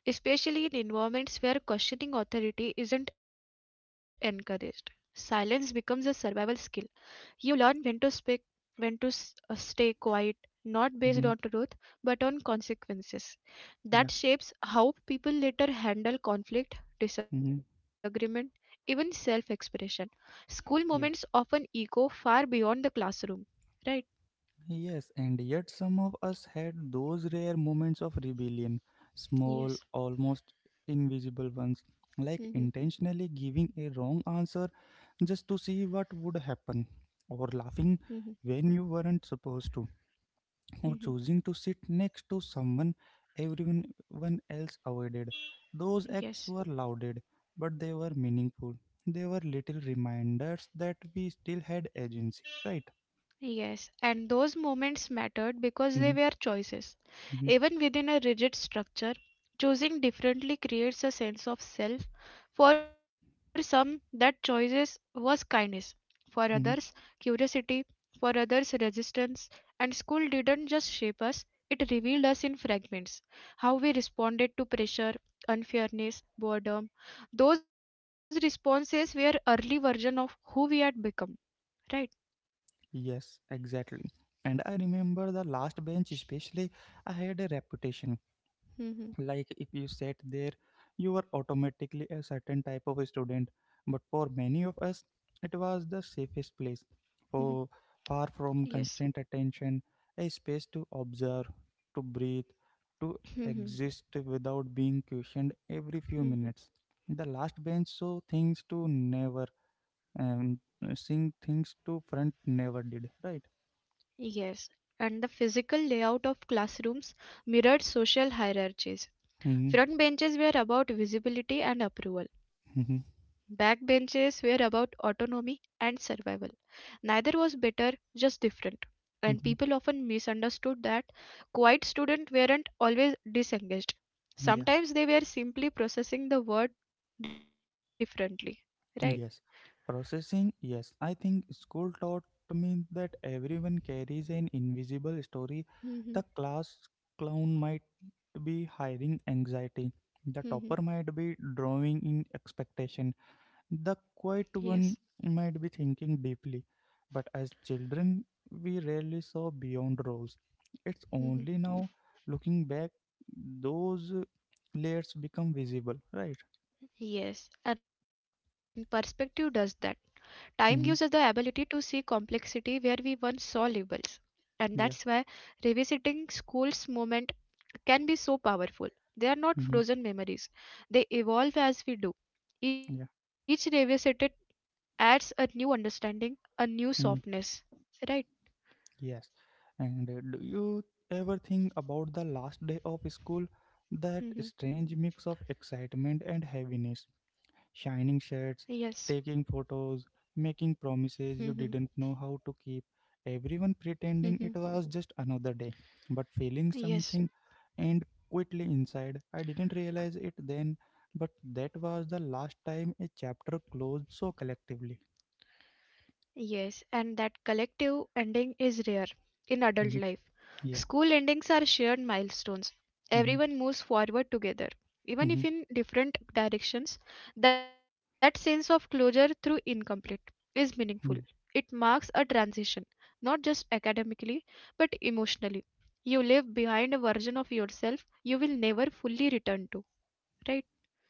[SPEAKER 2] especially in environments where questioning authority isn't encouraged. Silence becomes a survival skill. You learn when to speak, when to stay quiet, not based on
[SPEAKER 1] Mm-hmm.
[SPEAKER 2] truth, but on consequences. That
[SPEAKER 1] Yeah.
[SPEAKER 2] shapes how people later handle conflict,
[SPEAKER 1] Mhm,
[SPEAKER 2] disagreement, even self expression. School moments
[SPEAKER 1] yeah.
[SPEAKER 2] often echo far beyond the classroom, right?
[SPEAKER 1] Yes, and yet some of us had those rare moments of rebellion, small,
[SPEAKER 2] Yes.
[SPEAKER 1] almost invisible ones, like
[SPEAKER 2] Hmm.
[SPEAKER 1] intentionally giving a wrong answer just to see what would happen, or
[SPEAKER 2] Hmm.
[SPEAKER 1] laughing when you weren't supposed to,
[SPEAKER 2] Hmm.
[SPEAKER 1] or choosing to sit next to someone everyone one else avoided. Those acts
[SPEAKER 2] Yes.
[SPEAKER 1] were lauded, but they were meaningful. They were little reminders that we still had agency, right?
[SPEAKER 2] Yes, and those moments mattered because they
[SPEAKER 1] Mm-hmm.
[SPEAKER 2] were choices.
[SPEAKER 1] Mhm,
[SPEAKER 2] Even within a rigid structure, choosing differently creates a sense of self. For some, that choices was kindness. For others,
[SPEAKER 1] mhm.
[SPEAKER 2] curiosity. For others, resistance. And school didn't just shape us, it revealed us in fragments. How we responded to pressure, unfairness, boredom. Those responses were early version of who we had become, right?
[SPEAKER 1] Yes, exactly. And I remember the last bench, especially, I had a reputation. Like, if
[SPEAKER 2] Hmm.
[SPEAKER 1] you sat there, you were automatically a certain type of a student. But for many of us, it was the safest
[SPEAKER 2] Hmm.
[SPEAKER 1] place. For far from
[SPEAKER 2] Yes.
[SPEAKER 1] constant attention, a space to observe, to breathe, to exist
[SPEAKER 2] Mhm,
[SPEAKER 1] without being questioned every few minutes.
[SPEAKER 2] mhm.
[SPEAKER 1] The last bench saw things to never and seeing things to front never did, right?
[SPEAKER 2] Yes, and the physical layout of classrooms mirrored social
[SPEAKER 1] Hmm.
[SPEAKER 2] hierarchies. Front benches were about visibility and
[SPEAKER 1] Hmm.
[SPEAKER 2] approval. Back benches were about autonomy and survival. Neither was better, just different.
[SPEAKER 1] Hmm.
[SPEAKER 2] And people often misunderstood that quiet students weren't always disengaged.
[SPEAKER 1] Yeah.
[SPEAKER 2] Sometimes they were simply processing the word differently. Right?
[SPEAKER 1] Yes, processing, yes, I think school taught me that everyone carries an invisible story. The class
[SPEAKER 2] Mhm,
[SPEAKER 1] clown might be hiding anxiety, the topper might be
[SPEAKER 2] mhm.
[SPEAKER 1] drawing in expectation. The quiet one
[SPEAKER 2] Yes.
[SPEAKER 1] might be thinking deeply, but as children, we rarely saw beyond roles. It's only now,
[SPEAKER 2] Mhm.
[SPEAKER 1] looking back, those layers become visible, right?
[SPEAKER 2] Yes, and perspective does that. Time
[SPEAKER 1] Hmm.
[SPEAKER 2] gives us the ability to see complexity where we once saw labels.
[SPEAKER 1] Yeah.
[SPEAKER 2] And that's why revisiting school's moment can be so powerful.
[SPEAKER 1] Hmm.
[SPEAKER 2] They are not frozen memories, they evolve as we do.
[SPEAKER 1] Yeah.
[SPEAKER 2] Each revisited adds a new understanding, a new
[SPEAKER 1] Hmm.
[SPEAKER 2] softness. Right?
[SPEAKER 1] Yes. And do you ever think about the last day of school? That strange
[SPEAKER 2] Hmm.
[SPEAKER 1] mix of excitement and heaviness, shining shirts,
[SPEAKER 2] Yes.
[SPEAKER 1] taking photos, making promises you
[SPEAKER 2] Hmm.
[SPEAKER 1] didn't know how to keep, everyone pretending it
[SPEAKER 2] Hmm.
[SPEAKER 1] was just another day, but feeling something
[SPEAKER 2] Yes.
[SPEAKER 1] and quickly inside. I didn't realize it then, but that was the last time a chapter closed so collectively.
[SPEAKER 2] Yes, and that collective ending is rare in
[SPEAKER 1] Mhm.
[SPEAKER 2] adult life.
[SPEAKER 1] Yeah.
[SPEAKER 2] School endings are shared milestones.
[SPEAKER 1] Mm-hmm.
[SPEAKER 2] Everyone moves forward together,
[SPEAKER 1] Mm-hmm. Mm-hmm.
[SPEAKER 2] even if in different directions. That sense of closure through incomplete is meaningful. It marks a transition, not just academically, but emotionally. You leave behind a version of yourself you will never fully return to,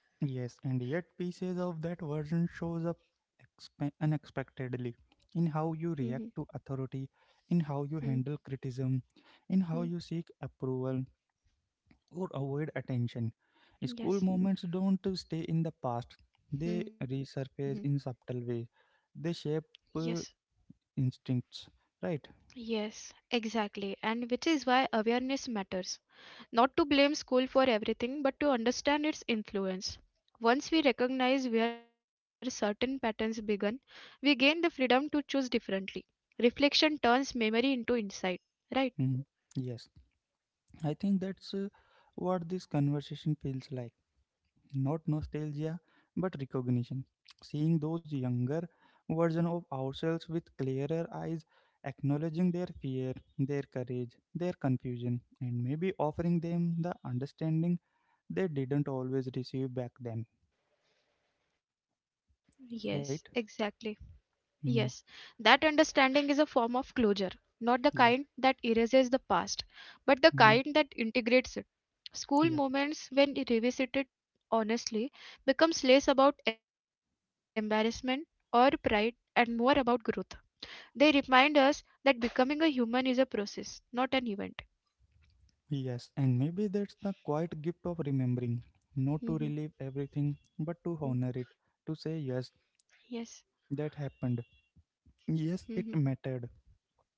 [SPEAKER 2] right?
[SPEAKER 1] Yes, and yet pieces of that version shows up unexpectedly in how you react to
[SPEAKER 2] Mm-hmm.
[SPEAKER 1] authority, in how you handle criticism, in how you seek approval or avoid attention. School moments
[SPEAKER 2] Yes.
[SPEAKER 1] don't stay in the past; they
[SPEAKER 2] Mm-hmm.
[SPEAKER 1] resurface in subtle ways. They shape uh,
[SPEAKER 2] Yes.
[SPEAKER 1] instincts, right?
[SPEAKER 2] Yes, exactly. And which is why awareness matters. Not to blame school for everything, but to understand its influence. Once we recognize where certain patterns began, we gain the freedom to choose differently. Reflection turns memory into insight, right?
[SPEAKER 1] Mhm. Yes, I think that's what this conversation feels like. Not nostalgia but recognition, seeing those younger version of ourselves with clearer eyes, acknowledging their fear, their courage, their confusion, and maybe offering them the understanding they didn't always receive back then,
[SPEAKER 2] Yes,
[SPEAKER 1] right?
[SPEAKER 2] exactly. Yes,
[SPEAKER 1] Hmm.
[SPEAKER 2] that understanding is a form of closure, not the
[SPEAKER 1] Yeah.
[SPEAKER 2] kind that erases the past, but the
[SPEAKER 1] Hmm.
[SPEAKER 2] kind that integrates it. School
[SPEAKER 1] Yeah.
[SPEAKER 2] moments, when revisited honestly, becomes less about embarrassment or pride and more about growth. They remind us that becoming a human is a process, not an event.
[SPEAKER 1] Yes, and maybe that's the quiet gift of remembering, not to
[SPEAKER 2] Mhm,
[SPEAKER 1] relive everything but to
[SPEAKER 2] mhm.
[SPEAKER 1] honor it, to say yes,
[SPEAKER 2] Yes.
[SPEAKER 1] that happened,
[SPEAKER 2] Mhm,
[SPEAKER 1] yes it mattered.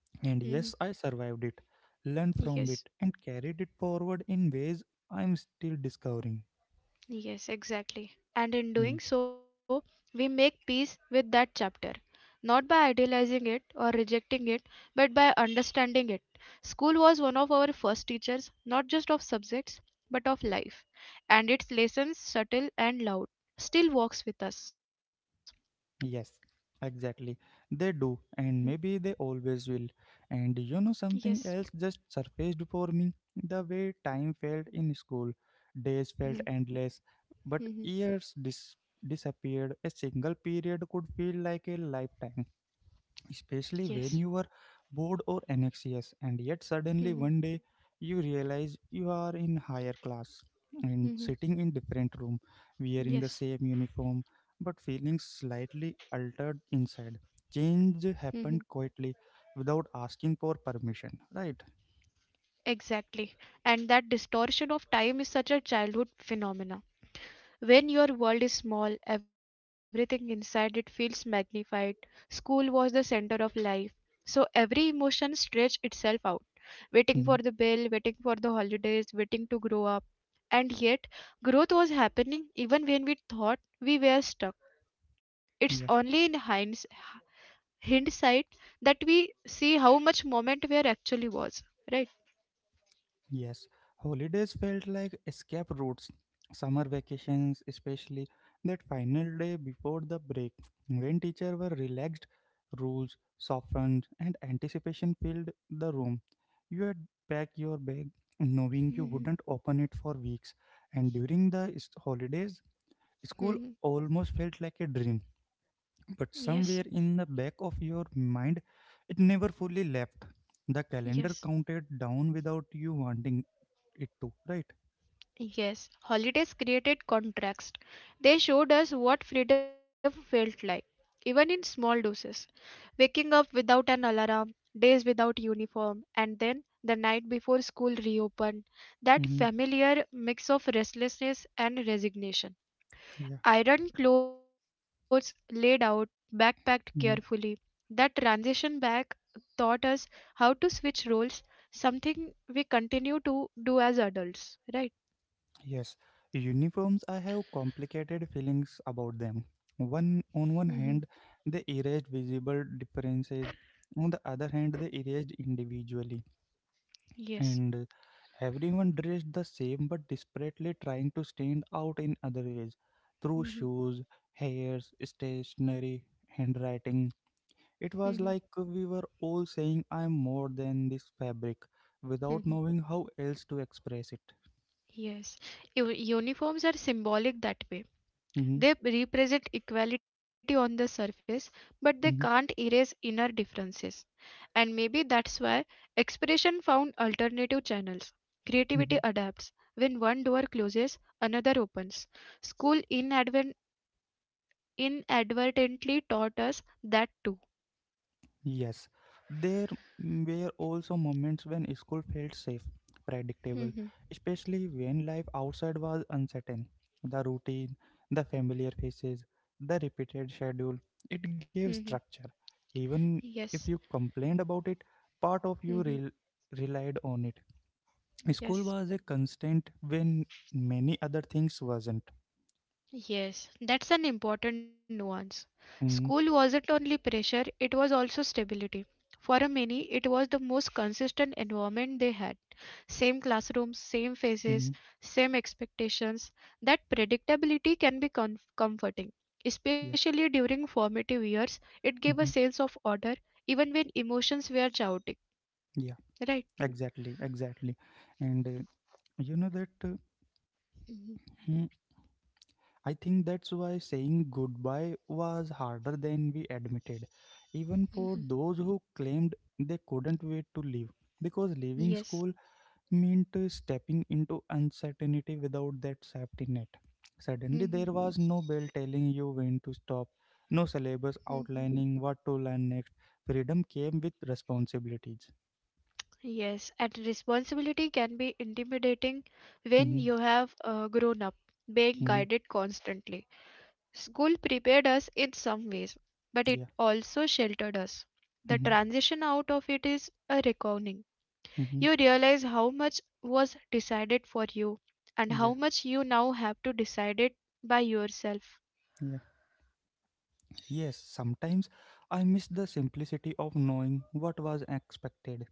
[SPEAKER 2] mhm.
[SPEAKER 1] And yes, I survived it, learned
[SPEAKER 2] Yes.
[SPEAKER 1] from it, and carried it forward in ways I'm still discovering.
[SPEAKER 2] Yes, exactly. And in
[SPEAKER 1] Hmm,
[SPEAKER 2] doing so, we make peace with that chapter, not by idealizing it or rejecting it, but by understanding it. School was one of our first teachers, not just of subjects, but of life, and its lessons, subtle and loud, still walks with us.
[SPEAKER 1] yes, exactly. They
[SPEAKER 2] Mhm.
[SPEAKER 1] do, and maybe they always will. And you know,
[SPEAKER 2] Yes.
[SPEAKER 1] something else just surfaced for me, the way time felt in school. Days felt
[SPEAKER 2] Mhm.
[SPEAKER 1] endless, but
[SPEAKER 2] Mhm.
[SPEAKER 1] years disappeared. A single period could feel like a lifetime,
[SPEAKER 2] Yes.
[SPEAKER 1] especially when you were bored or anxious, and yet
[SPEAKER 2] Mhm.
[SPEAKER 1] suddenly one day you realize you are in higher class and
[SPEAKER 2] Mhm.
[SPEAKER 1] sitting in different room wearing the
[SPEAKER 2] Yes.
[SPEAKER 1] same uniform but feeling slightly altered inside.
[SPEAKER 2] Mhm.
[SPEAKER 1] Change happened quietly without asking for permission, right?
[SPEAKER 2] Exactly. And that distortion of time is such a childhood phenomena. When your world is small, everything inside it feels magnified. School was the center of life. So every emotion stretched itself out, waiting for the bell,
[SPEAKER 1] Mhm.
[SPEAKER 2] waiting for the holidays, waiting to grow up. And yet, growth was happening even when we thought we were stuck. It's only in hindsight that we see how much moment where actually was, right?
[SPEAKER 1] Yes, holidays felt like escape routes. Summer vacations, especially that final day before the break, when teachers were relaxed, rules softened, and anticipation filled the room. You had packed your bag knowing you wouldn't
[SPEAKER 2] (laughs)
[SPEAKER 1] open it for weeks, and during the holidays, school almost felt like a dream,
[SPEAKER 2] Yes,
[SPEAKER 1] but somewhere in the back of your mind, it never fully left. The
[SPEAKER 2] yes.
[SPEAKER 1] calendar counted down without you wanting it to, right?
[SPEAKER 2] Yes, holidays created contrast. They showed us what freedom felt like, even in small doses. Waking up without an alarm, days without uniform, and then the night before school reopened. That
[SPEAKER 1] Hmm.
[SPEAKER 2] familiar mix of restlessness and resignation.
[SPEAKER 1] Yeah.
[SPEAKER 2] Iron clothes laid out, backpacked carefully.
[SPEAKER 1] Mhm.
[SPEAKER 2] That transition back taught us how to switch roles, something we continue to do as adults, right?
[SPEAKER 1] Yes. Uniforms, I have complicated feelings about them. One
[SPEAKER 2] Hmm.
[SPEAKER 1] on one hand, they erased visible differences. On the other hand, they erased individually.
[SPEAKER 2] Yes.
[SPEAKER 1] And Everyone dressed the same but desperately trying to stand out in other ways, through
[SPEAKER 2] Mhm,
[SPEAKER 1] shoes, hairs, stationery, handwriting. It
[SPEAKER 2] mhm,
[SPEAKER 1] was like we were all saying, I'm more than this fabric, without
[SPEAKER 2] mhm.
[SPEAKER 1] knowing how else to express it.
[SPEAKER 2] Yes, uniforms are symbolic that way.
[SPEAKER 1] Mhm,
[SPEAKER 2] They represent equality on the surface, but they can't erase inner differences. And maybe that's why expression found alternative channels. Creativity
[SPEAKER 1] mhm.
[SPEAKER 2] adapts. When one door closes, another opens. School inadvertently taught us that too.
[SPEAKER 1] Yes, there were also moments when school felt safe, predictable,
[SPEAKER 2] Mhm,
[SPEAKER 1] especially when life outside was uncertain. The routine, the familiar faces, the repeated schedule, it gave
[SPEAKER 2] mhm.
[SPEAKER 1] structure. Even
[SPEAKER 2] Yes,
[SPEAKER 1] if you complained about it, part of you
[SPEAKER 2] mhm,
[SPEAKER 1] relied on it. School
[SPEAKER 2] yes.
[SPEAKER 1] was a constant when many other things wasn't.
[SPEAKER 2] Yes, that's an important nuance. School
[SPEAKER 1] Mm,
[SPEAKER 2] wasn't only pressure, it was also stability. For a many, it was the most consistent environment they had. Same classrooms, same faces,
[SPEAKER 1] mhm,
[SPEAKER 2] same expectations. That predictability can be comforting.
[SPEAKER 1] yeah,
[SPEAKER 2] Especially during formative years, it gave a
[SPEAKER 1] mhm,
[SPEAKER 2] sense of order even when emotions were chaotic.
[SPEAKER 1] yeah,
[SPEAKER 2] Right?
[SPEAKER 1] exactly, exactly. And you know that.
[SPEAKER 2] Mhm,
[SPEAKER 1] Hmm, I think that's why saying goodbye was harder than we admitted, even for
[SPEAKER 2] mhm.
[SPEAKER 1] those who claimed they couldn't wait to leave. Because leaving school
[SPEAKER 2] Yes.
[SPEAKER 1] meant stepping into uncertainty without that safety net. Suddenly, there
[SPEAKER 2] Mhm,
[SPEAKER 1] was no bell telling you when to stop, no syllabus
[SPEAKER 2] mhm.
[SPEAKER 1] outlining what to learn next. Freedom came with responsibilities.
[SPEAKER 2] Yes, and responsibility can be intimidating when
[SPEAKER 1] Mm-hmm,
[SPEAKER 2] you have grown up, being
[SPEAKER 1] mm-hmm,
[SPEAKER 2] guided constantly. School prepared us in some ways, but it
[SPEAKER 1] yeah.
[SPEAKER 2] also sheltered us. The
[SPEAKER 1] Mm-hmm,
[SPEAKER 2] transition out of it is a reckoning.
[SPEAKER 1] mm-hmm,
[SPEAKER 2] You realize how much was decided for you and
[SPEAKER 1] yeah.
[SPEAKER 2] how much you now have to decide it by yourself.
[SPEAKER 1] Yeah. Yes, sometimes I miss the simplicity of knowing what was expected.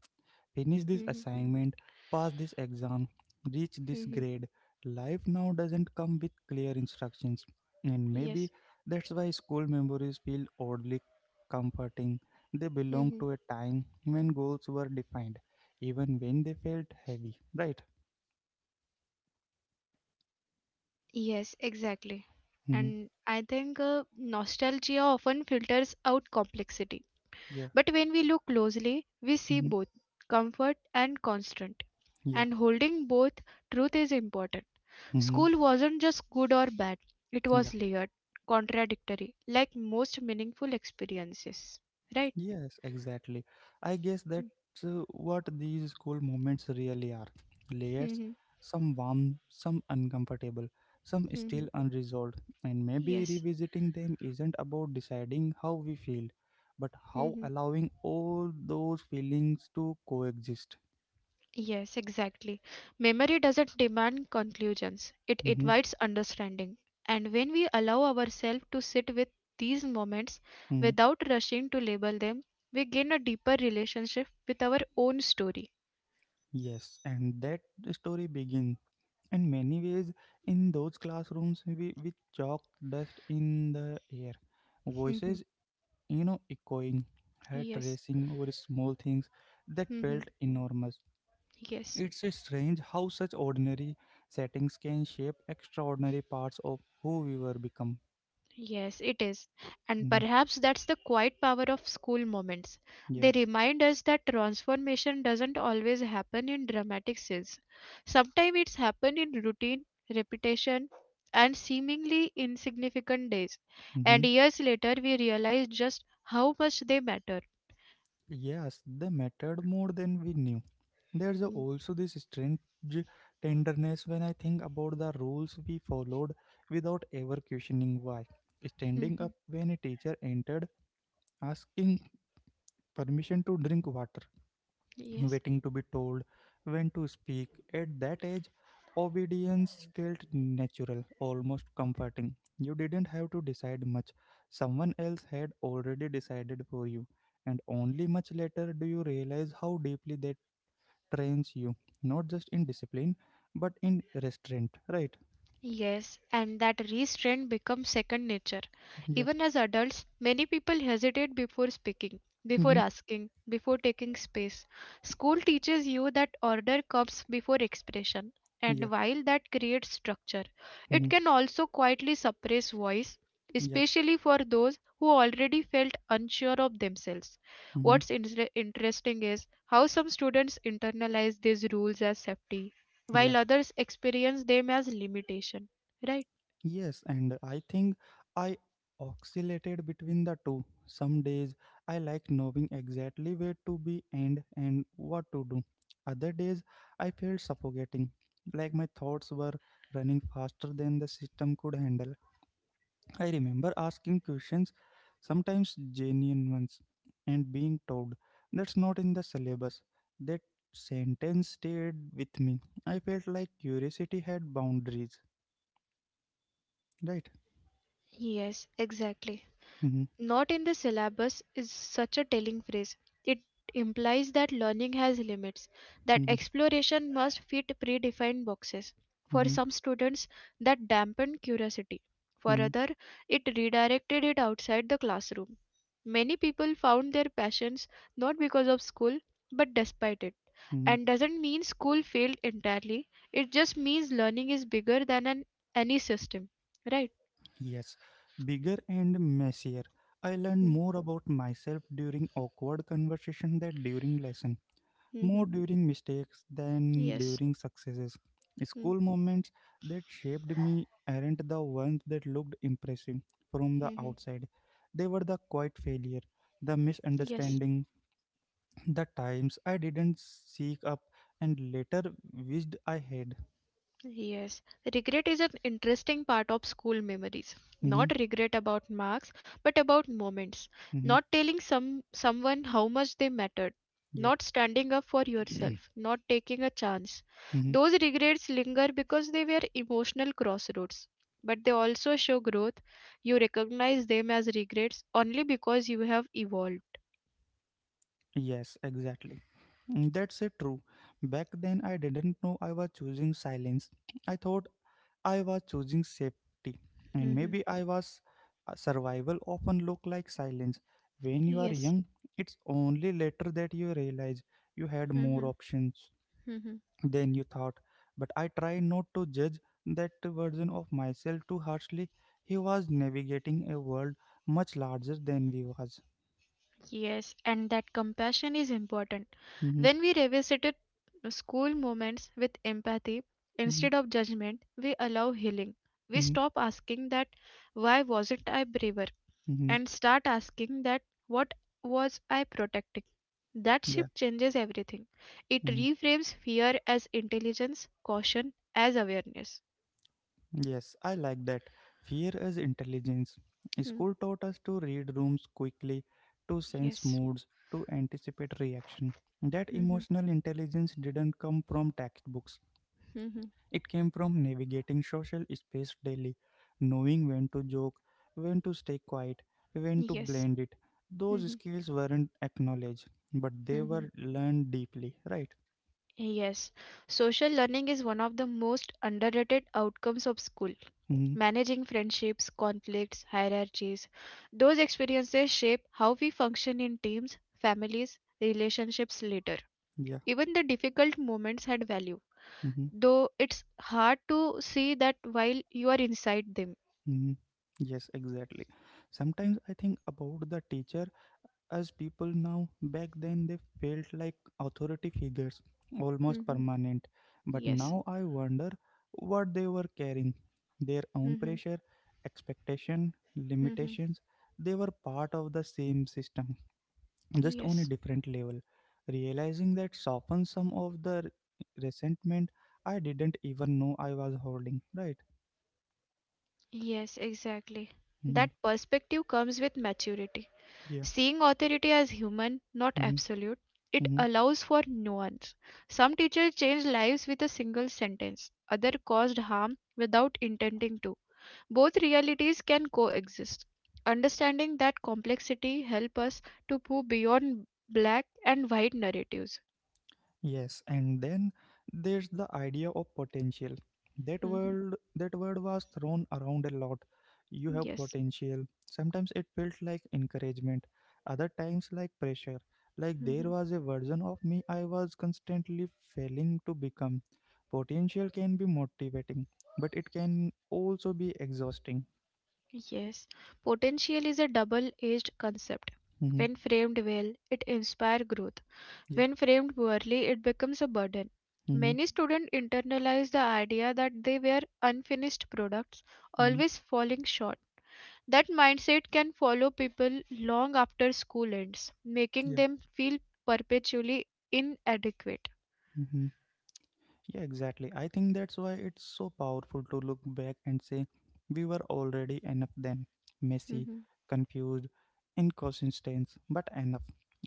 [SPEAKER 1] Finish this
[SPEAKER 2] Mhm,
[SPEAKER 1] assignment, pass this exam, reach this
[SPEAKER 2] mhm.
[SPEAKER 1] grade. Life now doesn't come with clear instructions, and maybe
[SPEAKER 2] Yes.
[SPEAKER 1] that's why school memories feel oddly comforting. They belong
[SPEAKER 2] Mhm.
[SPEAKER 1] to a time when goals were defined, even when they felt heavy, right?
[SPEAKER 2] Yes, exactly.
[SPEAKER 1] Mm-hmm.
[SPEAKER 2] And I think nostalgia often filters out complexity.
[SPEAKER 1] Yeah.
[SPEAKER 2] But when we look closely, we see
[SPEAKER 1] Mm-hmm.
[SPEAKER 2] both comfort and constant.
[SPEAKER 1] Yeah.
[SPEAKER 2] And holding both truth is important.
[SPEAKER 1] Mm-hmm.
[SPEAKER 2] School wasn't just good or bad, it
[SPEAKER 1] Yeah.
[SPEAKER 2] was layered, contradictory, like most meaningful experiences. Right?
[SPEAKER 1] Yes, exactly. I guess that's what these school moments really are layers,
[SPEAKER 2] Mhm,
[SPEAKER 1] some warm, some uncomfortable, some
[SPEAKER 2] mhm.
[SPEAKER 1] still unresolved. And maybe
[SPEAKER 2] Yes.
[SPEAKER 1] revisiting them isn't about deciding how we feel, but how
[SPEAKER 2] Mhm.
[SPEAKER 1] allowing all those feelings to coexist.
[SPEAKER 2] Yes, exactly. Memory doesn't demand conclusions, it
[SPEAKER 1] Hmm.
[SPEAKER 2] invites understanding. And when we allow ourselves to sit with these moments
[SPEAKER 1] Mm.
[SPEAKER 2] without rushing to label them, we gain a deeper relationship with our own story.
[SPEAKER 1] Yes, and that story begins in many ways in those classrooms with chalk dust in the air, voices,
[SPEAKER 2] (laughs)
[SPEAKER 1] echoing, heart
[SPEAKER 2] Yes.
[SPEAKER 1] racing over small things that felt
[SPEAKER 2] (laughs)
[SPEAKER 1] enormous.
[SPEAKER 2] Yes.
[SPEAKER 1] It's a strange how such ordinary settings can shape extraordinary parts of who we were become.
[SPEAKER 2] Yes, it is. And
[SPEAKER 1] Mhm.
[SPEAKER 2] perhaps that's the quiet power of school moments. They
[SPEAKER 1] Yeah.
[SPEAKER 2] remind us that transformation doesn't always happen in dramatic scenes. Sometimes it's happened in routine, repetition, and seemingly insignificant days.
[SPEAKER 1] Hmm.
[SPEAKER 2] And years later, we realize just how much they matter.
[SPEAKER 1] Yes, they mattered more than we knew. There's also this strange tenderness when I think about the rules we followed without ever questioning why. Standing
[SPEAKER 2] Mhm.
[SPEAKER 1] up when a teacher entered, asking permission to drink water,
[SPEAKER 2] Yes.
[SPEAKER 1] waiting to be told when to speak. At that age, obedience felt natural, almost comforting. You didn't have to decide much. Someone else had already decided for you. And only much later do you realize how deeply that trains you, not just in discipline, but in restraint, right?
[SPEAKER 2] Yes, and that restraint becomes second nature.
[SPEAKER 1] Yeah.
[SPEAKER 2] Even as adults, many people hesitate before speaking, before
[SPEAKER 1] Mm-hmm.
[SPEAKER 2] asking, before taking space. School teaches you that order comes before expression,
[SPEAKER 1] Yeah.
[SPEAKER 2] and while that creates structure, it
[SPEAKER 1] Mm-hmm.
[SPEAKER 2] can also quietly suppress voice,
[SPEAKER 1] Yeah.
[SPEAKER 2] especially for those who already felt unsure of themselves.
[SPEAKER 1] Mm-hmm.
[SPEAKER 2] What's interesting is how some students internalize these rules as safety
[SPEAKER 1] Yeah.
[SPEAKER 2] while others experience them as limitation, right?
[SPEAKER 1] Yes, and I think I oscillated between the two. Some days I like knowing exactly where to be and what to do. Other days I felt suffocating, like my thoughts were running faster than the system could handle. I remember asking questions, sometimes genuine ones, and being told that's not in the syllabus. That sentence stayed with me. I felt like curiosity had boundaries, right?
[SPEAKER 2] Yes, exactly. Not in the syllabus is such a telling phrase. It implies that learning has limits, that
[SPEAKER 1] (laughs)
[SPEAKER 2] exploration must fit predefined boxes. For
[SPEAKER 1] Mhm,
[SPEAKER 2] some students, that dampened curiosity. For
[SPEAKER 1] mhm,
[SPEAKER 2] others, it redirected it outside the classroom. Many people found their passions not because of school, but despite it.
[SPEAKER 1] mhm.
[SPEAKER 2] And doesn't mean school failed entirely, it just means learning is bigger than an any system, right?
[SPEAKER 1] Yes, bigger and messier. I learned more about myself during awkward conversation than during lesson,
[SPEAKER 2] Mm-hmm.
[SPEAKER 1] more during mistakes than
[SPEAKER 2] Yes.
[SPEAKER 1] during successes. School moments that shaped me aren't the ones that looked impressive from the
[SPEAKER 2] Mm-hmm.
[SPEAKER 1] outside. They were the quiet failure, the
[SPEAKER 2] Yes.
[SPEAKER 1] misunderstanding, the times I didn't seek up and later wished I had.
[SPEAKER 2] Yes, regret is an interesting part of school memories.
[SPEAKER 1] Mm-hmm,
[SPEAKER 2] Not regret about marks, but about moments.
[SPEAKER 1] mm-hmm,
[SPEAKER 2] Not telling someone how much they mattered. Not standing up for
[SPEAKER 1] yeah.
[SPEAKER 2] yourself. Not taking a chance.
[SPEAKER 1] (clears throat)
[SPEAKER 2] Those regrets linger because they were emotional crossroads. But they also show growth. You recognize them as regrets only because you have evolved.
[SPEAKER 1] Yes, exactly. That's it true. Back then I didn't know I was choosing silence. I thought I was choosing safety and
[SPEAKER 2] Mhm.
[SPEAKER 1] maybe I was. Survival often look like silence. When you are
[SPEAKER 2] Yes.
[SPEAKER 1] young, it's only later that you realize you had more
[SPEAKER 2] Mhm.
[SPEAKER 1] options
[SPEAKER 2] Mhm.
[SPEAKER 1] than you thought. But I try not to judge that version of myself too harshly. He was navigating a world much larger than we was.
[SPEAKER 2] Yes, and that compassion is important.
[SPEAKER 1] Mm-hmm,
[SPEAKER 2] When we revisited school moments with empathy
[SPEAKER 1] mm-hmm,
[SPEAKER 2] instead of judgment, we allow healing. We
[SPEAKER 1] mm-hmm,
[SPEAKER 2] stop asking that why wasn't I braver
[SPEAKER 1] mm-hmm.
[SPEAKER 2] and start asking that what was I protecting. That
[SPEAKER 1] Yeah.
[SPEAKER 2] shift changes everything. It
[SPEAKER 1] Mm,
[SPEAKER 2] reframes fear as intelligence, caution as awareness.
[SPEAKER 1] Yes, I like that. Fear is intelligence.
[SPEAKER 2] Hmm.
[SPEAKER 1] School taught us to read rooms quickly, to sense
[SPEAKER 2] Yes.
[SPEAKER 1] moods, to anticipate reaction. That
[SPEAKER 2] Mhm,
[SPEAKER 1] emotional intelligence didn't come from textbooks.
[SPEAKER 2] mhm.
[SPEAKER 1] It came from navigating social space daily, knowing when to joke, when to stay quiet, when to
[SPEAKER 2] Yes.
[SPEAKER 1] blend it. Those
[SPEAKER 2] Mhm,
[SPEAKER 1] skills weren't acknowledged, but they
[SPEAKER 2] mhm.
[SPEAKER 1] were learned deeply, right?
[SPEAKER 2] Yes, social learning is one of the most underrated outcomes of school.
[SPEAKER 1] Hmm.
[SPEAKER 2] Managing friendships, conflicts, hierarchies, those experiences shape how we function in teams, families, relationships later.
[SPEAKER 1] Yeah.
[SPEAKER 2] Even the difficult moments had value,
[SPEAKER 1] Mm-hmm.
[SPEAKER 2] though it's hard to see that while you are inside them.
[SPEAKER 1] Mhm. Yes, exactly. Sometimes I think about the teacher as people now. Back then, they felt like authority figures, almost
[SPEAKER 2] Hmm.
[SPEAKER 1] permanent. But
[SPEAKER 2] Yes.
[SPEAKER 1] now I wonder what they were carrying, their own
[SPEAKER 2] Hmm.
[SPEAKER 1] pressure, expectation,
[SPEAKER 2] Hmm.
[SPEAKER 1] limitations. They were part of the same system, just on a
[SPEAKER 2] Yes.
[SPEAKER 1] different level. Realizing that softens some of the resentment I didn't even know I was holding, right?
[SPEAKER 2] Yes, exactly.
[SPEAKER 1] Hmm.
[SPEAKER 2] That perspective comes with maturity.
[SPEAKER 1] Yeah.
[SPEAKER 2] Seeing authority as human, not
[SPEAKER 1] Hmm.
[SPEAKER 2] absolute, it allows for nuance. Some teachers changed lives with a single sentence, others caused harm without intending to. Both realities can coexist. Understanding that complexity helps us to move beyond black and white narratives.
[SPEAKER 1] Yes, and then there's the idea of potential. That
[SPEAKER 2] Mhm.
[SPEAKER 1] word that word was thrown around a lot. You have
[SPEAKER 2] Yes.
[SPEAKER 1] potential. Sometimes it felt like encouragement, other times like pressure. Like there
[SPEAKER 2] Mhm.
[SPEAKER 1] was a version of me I was constantly failing to become. Potential can be motivating, but it can also be exhausting.
[SPEAKER 2] Yes. Potential is a double edged concept.
[SPEAKER 1] Mm-hmm.
[SPEAKER 2] When framed well, it inspires growth.
[SPEAKER 1] Yeah.
[SPEAKER 2] When framed poorly, it becomes a burden.
[SPEAKER 1] Mm-hmm.
[SPEAKER 2] Many students internalize the idea that they were unfinished products,
[SPEAKER 1] Mm-hmm.
[SPEAKER 2] always falling short. That mindset can follow people long after school ends,
[SPEAKER 1] Yeah.
[SPEAKER 2] making them feel perpetually inadequate.
[SPEAKER 1] Mm-hmm. Yeah, exactly. I think that's why it's so powerful to look back and say we were already enough then. Messy,
[SPEAKER 2] Mhm.
[SPEAKER 1] confused, inconsistent, but enough.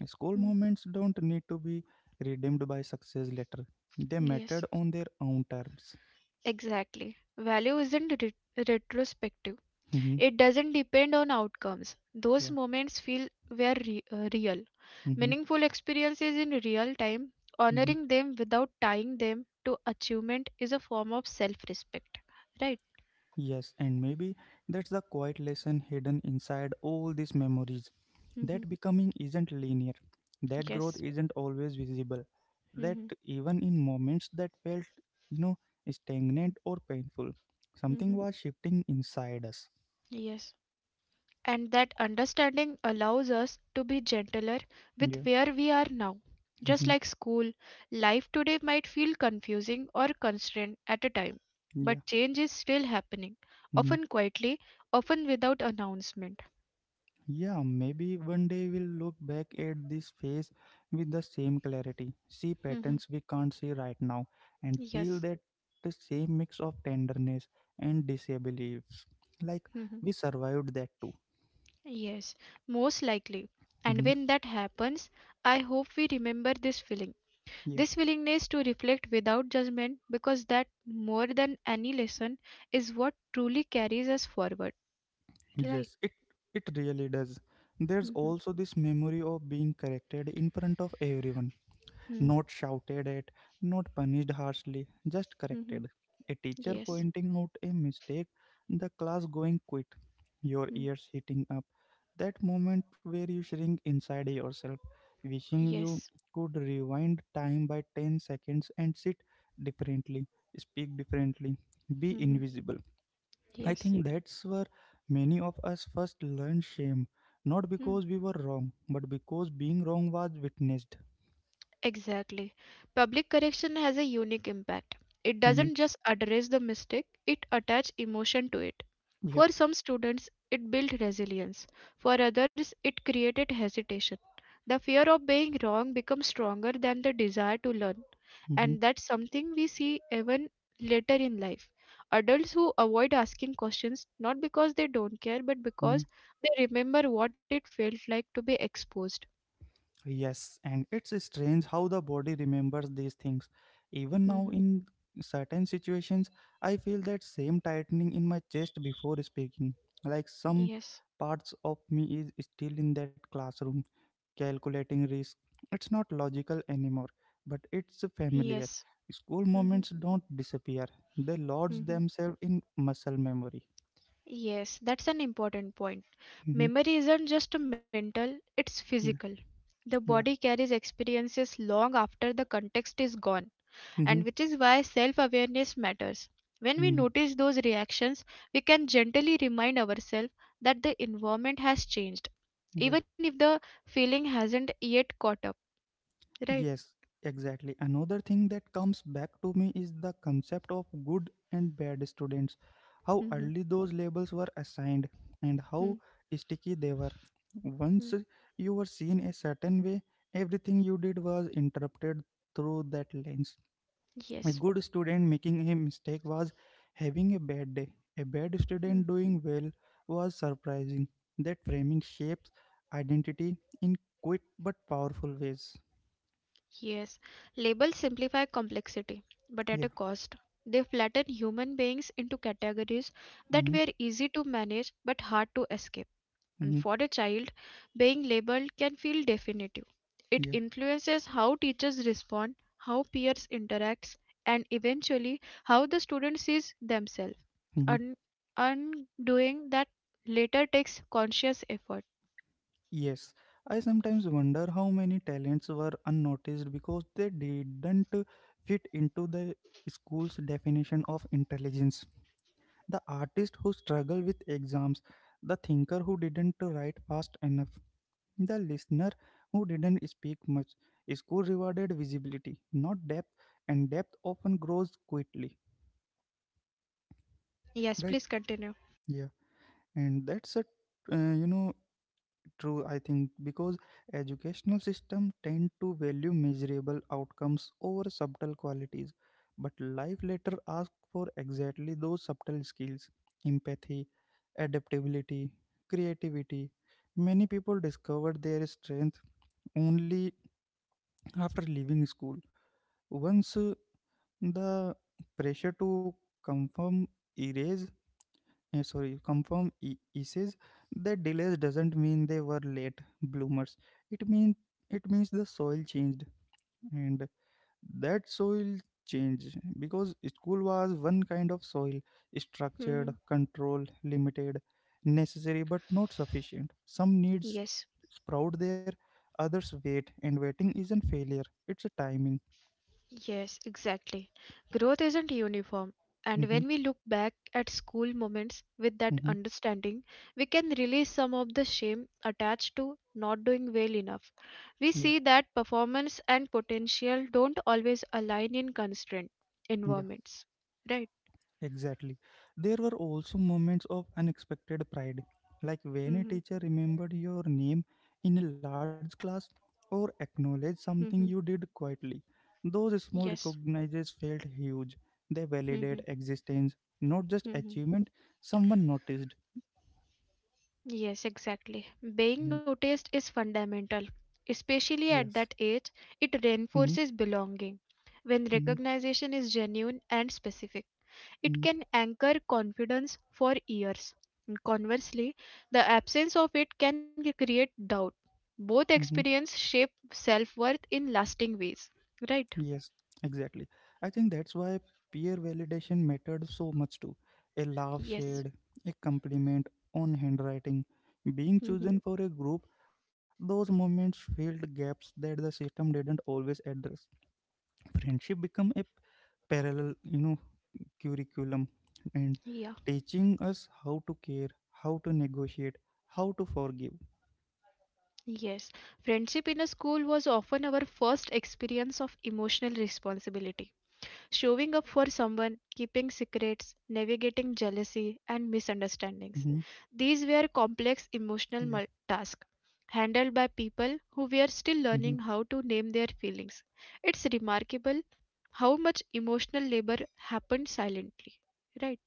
[SPEAKER 1] School
[SPEAKER 2] Mm,
[SPEAKER 1] moments don't need to be redeemed by success later. They
[SPEAKER 2] yes,
[SPEAKER 1] mattered on their own terms.
[SPEAKER 2] exactly. Value isn't retrospective.
[SPEAKER 1] Hmm.
[SPEAKER 2] It doesn't depend on outcomes. Those
[SPEAKER 1] Yeah.
[SPEAKER 2] moments feel were re- real.
[SPEAKER 1] Hmm.
[SPEAKER 2] Meaningful experiences in real time, honoring them without tying them to achievement is a form of self respect. Right?
[SPEAKER 1] Yes, and maybe that's the quiet lesson hidden inside all these memories.
[SPEAKER 2] Hmm.
[SPEAKER 1] That becoming isn't linear, that growth
[SPEAKER 2] Yes.
[SPEAKER 1] isn't always visible, that
[SPEAKER 2] Hmm.
[SPEAKER 1] even in moments that felt, you know, stagnant or painful, something
[SPEAKER 2] Hmm.
[SPEAKER 1] was shifting inside us.
[SPEAKER 2] Yes. And that understanding allows us to be gentler with
[SPEAKER 1] Yeah.
[SPEAKER 2] where we are now. Just
[SPEAKER 1] Mm-hmm.
[SPEAKER 2] like school, life today might feel confusing or constrained at a time,
[SPEAKER 1] Yeah.
[SPEAKER 2] but change is still happening,
[SPEAKER 1] Mm-hmm.
[SPEAKER 2] often quietly, often without announcement.
[SPEAKER 1] Yeah, maybe one day we'll look back at this phase with the same clarity, see
[SPEAKER 2] Mhm.
[SPEAKER 1] patterns we can't see right now, and feel
[SPEAKER 2] Yes.
[SPEAKER 1] that the same mix of tenderness and disbeliefs. Like
[SPEAKER 2] Mhm.
[SPEAKER 1] we survived that too.
[SPEAKER 2] Yes, most likely. And
[SPEAKER 1] Mhm.
[SPEAKER 2] when that happens, I hope we remember this feeling.
[SPEAKER 1] Yeah.
[SPEAKER 2] This willingness to reflect without judgment, because that, more than any lesson, is what truly carries us forward. Rely.
[SPEAKER 1] Yes, it really does. There's
[SPEAKER 2] Mhm,
[SPEAKER 1] also this memory of being corrected in front of everyone,
[SPEAKER 2] mhm,
[SPEAKER 1] not shouted at, not punished harshly, just
[SPEAKER 2] mhm.
[SPEAKER 1] corrected. A teacher
[SPEAKER 2] Yes.
[SPEAKER 1] pointing out a mistake, the class going quiet, your
[SPEAKER 2] Mhm.
[SPEAKER 1] ears heating up. That moment where you shrink inside yourself, wishing you
[SPEAKER 2] Yes.
[SPEAKER 1] could rewind time by 10 seconds and sit differently, speak differently, be
[SPEAKER 2] Mhm.
[SPEAKER 1] invisible. I
[SPEAKER 2] Yes.
[SPEAKER 1] think that's where many of us first learned shame, not
[SPEAKER 2] Mhm.
[SPEAKER 1] because we were wrong, but because being wrong was witnessed.
[SPEAKER 2] Exactly. Public correction has a unique impact. It
[SPEAKER 1] Mhm.
[SPEAKER 2] doesn't just address the mistake, it attaches emotion to it.
[SPEAKER 1] Yeah.
[SPEAKER 2] For some students, it built resilience. For others, it created hesitation. The fear of being wrong becomes stronger than the desire to learn.
[SPEAKER 1] Mm-hmm.
[SPEAKER 2] And that's something we see even later in life. Adults who avoid asking questions not because they don't care but
[SPEAKER 1] Mhm.
[SPEAKER 2] because they remember what it felt like to be exposed.
[SPEAKER 1] Yes, and it's strange how the body remembers these things. Even now,
[SPEAKER 2] Mm-hmm.
[SPEAKER 1] in certain situations, I feel that same tightening in my chest before speaking. Like some
[SPEAKER 2] Yes.
[SPEAKER 1] parts of me is still in that classroom, calculating risk. It's not logical anymore, but it's familiar.
[SPEAKER 2] Yes.
[SPEAKER 1] School
[SPEAKER 2] Mm-hmm.
[SPEAKER 1] moments don't disappear, they lodge
[SPEAKER 2] Hmm.
[SPEAKER 1] themselves in muscle memory.
[SPEAKER 2] Yes, that's an important point.
[SPEAKER 1] Hmm.
[SPEAKER 2] Memory isn't just mental, it's
[SPEAKER 1] Yeah.
[SPEAKER 2] physical. The
[SPEAKER 1] Yeah.
[SPEAKER 2] body carries experiences long after the context is gone.
[SPEAKER 1] Hmm.
[SPEAKER 2] And which is why self awareness matters. When we
[SPEAKER 1] Hmm.
[SPEAKER 2] notice those reactions, we can gently remind ourselves that the environment has changed, even if the feeling hasn't yet caught up, right?
[SPEAKER 1] Yes, exactly. Another thing that comes back to me is the concept of good and bad students. How early
[SPEAKER 2] Mhm,
[SPEAKER 1] those labels were assigned and how
[SPEAKER 2] mhm,
[SPEAKER 1] sticky they were. Once
[SPEAKER 2] mhm.
[SPEAKER 1] you were seen a certain way, everything you did was interrupted through that lens. A
[SPEAKER 2] Yes.
[SPEAKER 1] good student making a mistake was having a bad day. A bad student
[SPEAKER 2] Mhm.
[SPEAKER 1] doing well was surprising. That framing shapes identity in quick but powerful ways.
[SPEAKER 2] Yes. Labels simplify complexity, but at
[SPEAKER 1] Yeah.
[SPEAKER 2] a cost. They flatten human beings into categories that
[SPEAKER 1] Hmm.
[SPEAKER 2] were easy to manage but hard to escape. And
[SPEAKER 1] Hmm.
[SPEAKER 2] for a child, being labeled can feel definitive. It
[SPEAKER 1] Yeah.
[SPEAKER 2] influences how teachers respond, how peers interact, and eventually how the student sees themselves.
[SPEAKER 1] Hmm.
[SPEAKER 2] Un- undoing that later takes conscious effort.
[SPEAKER 1] Yes. I sometimes wonder how many talents were unnoticed because they didn't fit into the school's definition of intelligence. The artist who struggled with exams, the thinker who didn't write fast enough, the listener who didn't speak much. School rewarded visibility, not depth, and depth often grows quickly.
[SPEAKER 2] Yes,
[SPEAKER 1] Right?
[SPEAKER 2] please continue.
[SPEAKER 1] Yeah. And that's uh, you know, true. I think because educational system tend to value measurable outcomes over subtle qualities, but life later asks for exactly those subtle skills, empathy, adaptability, creativity. Many people discover their strength only after leaving school, once the pressure to conform erase. Yeah, sorry, confirm says that delays doesn't mean they were late bloomers. It means it means the soil changed. And that soil change because school was one kind of soil, structured,
[SPEAKER 2] Mhm.
[SPEAKER 1] controlled, limited, necessary but not sufficient. Some needs
[SPEAKER 2] Yes.
[SPEAKER 1] sprout there, others wait, and waiting isn't failure, it's a timing.
[SPEAKER 2] Yes, exactly. Growth isn't uniform, and when
[SPEAKER 1] Mm-hmm,
[SPEAKER 2] we look back at school moments with that
[SPEAKER 1] mm-hmm,
[SPEAKER 2] understanding, we can release some of the shame attached to not doing well enough. We
[SPEAKER 1] yeah,
[SPEAKER 2] see that performance and potential don't always align in constraint
[SPEAKER 1] yeah.
[SPEAKER 2] environments. Right?
[SPEAKER 1] Exactly. There were also moments of unexpected pride, like when a
[SPEAKER 2] Mm-hmm.
[SPEAKER 1] teacher remembered your name in a large class or acknowledged something
[SPEAKER 2] Mm-hmm.
[SPEAKER 1] you did quietly. Those small
[SPEAKER 2] Yes.
[SPEAKER 1] recognizes felt huge. They
[SPEAKER 2] Mm-hmm.
[SPEAKER 1] validate existence, not just achievement. Someone noticed.
[SPEAKER 2] Yes, exactly. Being
[SPEAKER 1] Mm.
[SPEAKER 2] noticed is fundamental. Especially
[SPEAKER 1] Yes.
[SPEAKER 2] at that age, it
[SPEAKER 1] Mm-hmm.
[SPEAKER 2] reinforces belonging. When
[SPEAKER 1] Mm-hmm.
[SPEAKER 2] recognition is genuine and specific, it
[SPEAKER 1] Mm-hmm,
[SPEAKER 2] can anchor confidence for years. And conversely, the absence of it can create doubt. Both
[SPEAKER 1] mm-hmm.
[SPEAKER 2] experience shape self worth in lasting ways. Right?
[SPEAKER 1] Yes, exactly. I think that's why peer validation mattered so much too. A laugh shared,
[SPEAKER 2] Yes.
[SPEAKER 1] a compliment on handwriting, being chosen for
[SPEAKER 2] Mhm.
[SPEAKER 1] a group, those moments filled gaps that the system didn't always address. Friendship become a parallel, curriculum and
[SPEAKER 2] Yeah.
[SPEAKER 1] teaching us how to care, how to negotiate, how to forgive.
[SPEAKER 2] Yes. Friendship in a school was often our first experience of emotional responsibility. Showing up for someone, keeping secrets, navigating jealousy and
[SPEAKER 1] Hmm.
[SPEAKER 2] misunderstandings. These were complex
[SPEAKER 1] Yeah.
[SPEAKER 2] emotional tasks handled by people who were
[SPEAKER 1] Mm-hmm.
[SPEAKER 2] still learning how to name their feelings. It's remarkable how much emotional labor happened silently. Right?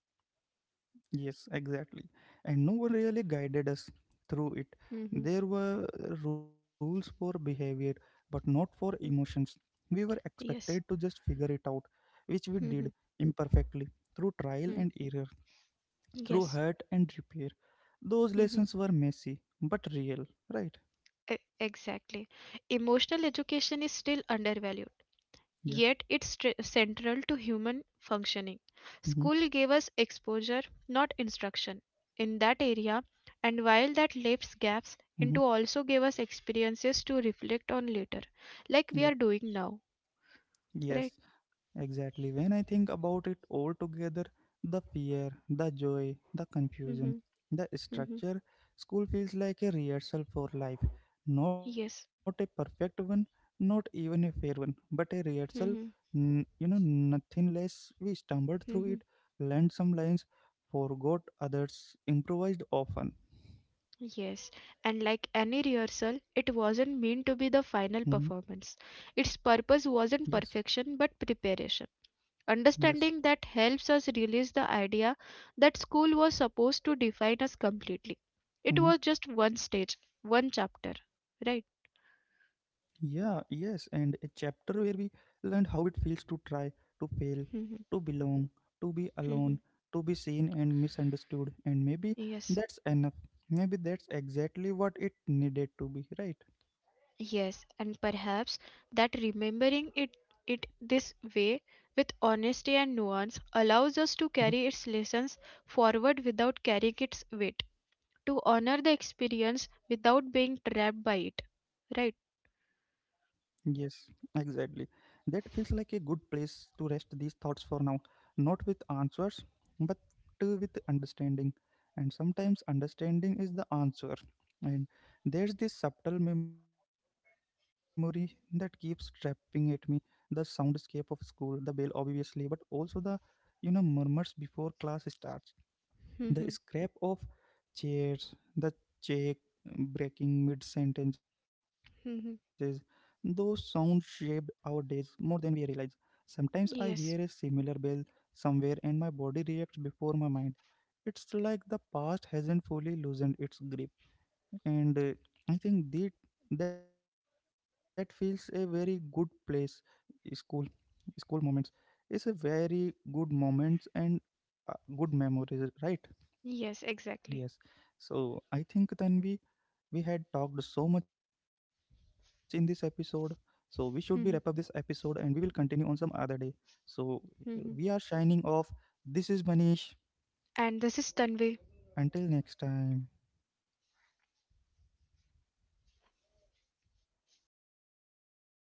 [SPEAKER 1] Yes, exactly. And no one really guided us through it.
[SPEAKER 2] Mm-hmm.
[SPEAKER 1] There were rules for behavior, but not for emotions. We were expected to
[SPEAKER 2] Yes.
[SPEAKER 1] just figure it out, which we did
[SPEAKER 2] Mhm.
[SPEAKER 1] imperfectly, through trial and
[SPEAKER 2] Mm.
[SPEAKER 1] error, through
[SPEAKER 2] Yes.
[SPEAKER 1] hurt and repair. Those
[SPEAKER 2] Mhm.
[SPEAKER 1] lessons were messy, but real, right?
[SPEAKER 2] Exactly. Emotional education is still undervalued.
[SPEAKER 1] Yeah.
[SPEAKER 2] Yet it's central to human functioning.
[SPEAKER 1] Mm-hmm.
[SPEAKER 2] School gave us exposure, not instruction, in that area, and while that leaves gaps,
[SPEAKER 1] Mm-hmm.
[SPEAKER 2] into also gave us experiences to reflect on later,
[SPEAKER 1] Yeah.
[SPEAKER 2] like we are doing now,
[SPEAKER 1] Yes.
[SPEAKER 2] right?
[SPEAKER 1] Exactly. When I think about it all together, the fear, the joy, the confusion,
[SPEAKER 2] Mm-hmm.
[SPEAKER 1] the
[SPEAKER 2] Mm-hmm.
[SPEAKER 1] structure, school feels like a rehearsal for life. Not a
[SPEAKER 2] Yes.
[SPEAKER 1] perfect one, not even a fair one, but a rehearsal.
[SPEAKER 2] Mm-hmm.
[SPEAKER 1] Nothing less. We stumbled through it,
[SPEAKER 2] Mm-hmm.
[SPEAKER 1] learned some lines, forgot others, improvised often.
[SPEAKER 2] Yes, and like any rehearsal, it
[SPEAKER 1] Mhm.
[SPEAKER 2] wasn't meant to be the final performance. Its
[SPEAKER 1] Yes,
[SPEAKER 2] purpose wasn't perfection but preparation.
[SPEAKER 1] yes.
[SPEAKER 2] Understanding that helps us release the idea that school was supposed to define us completely. It
[SPEAKER 1] Mm-hmm.
[SPEAKER 2] was just one stage, one chapter, right?
[SPEAKER 1] Yeah, yes, and a chapter where we learned how it feels to try, to fail, to
[SPEAKER 2] Mhm,
[SPEAKER 1] belong, to be alone,
[SPEAKER 2] mhm.
[SPEAKER 1] to be seen and misunderstood, and maybe
[SPEAKER 2] Yes.
[SPEAKER 1] that's enough. Maybe that's exactly what it needed to be, right?
[SPEAKER 2] Yes, and perhaps that remembering it this way with honesty and nuance allows us to carry its lessons forward without carrying its weight, to honor the experience without being trapped by it. Right?
[SPEAKER 1] Yes, exactly. That feels like a good place to rest these thoughts for now, not with answers, but with understanding. And sometimes understanding is the answer. And there's this subtle memory that keeps trapping at me, the soundscape of school, the bell, obviously, but also the murmurs before class starts, the
[SPEAKER 2] Mhm.
[SPEAKER 1] scrap of chairs, the check breaking mid sentences.
[SPEAKER 2] Mhm.
[SPEAKER 1] Those sounds shaped our days more than we realize. Sometimes I hear a
[SPEAKER 2] Yes.
[SPEAKER 1] similar bell somewhere and my body reacts before my mind. It's like the past hasn't fully loosened its grip. And I think that feels a very good place. School, school moments is a very good moments and uh, good memories, right?
[SPEAKER 2] Yes, exactly.
[SPEAKER 1] Yes. So I think then we had talked so much in this episode. So we should be wrap up this episode and we
[SPEAKER 2] (laughs)
[SPEAKER 1] will continue on some other day. So we are
[SPEAKER 2] Mhm.
[SPEAKER 1] shining off. This is Manish.
[SPEAKER 2] And this is Tanvi.
[SPEAKER 1] Until next time.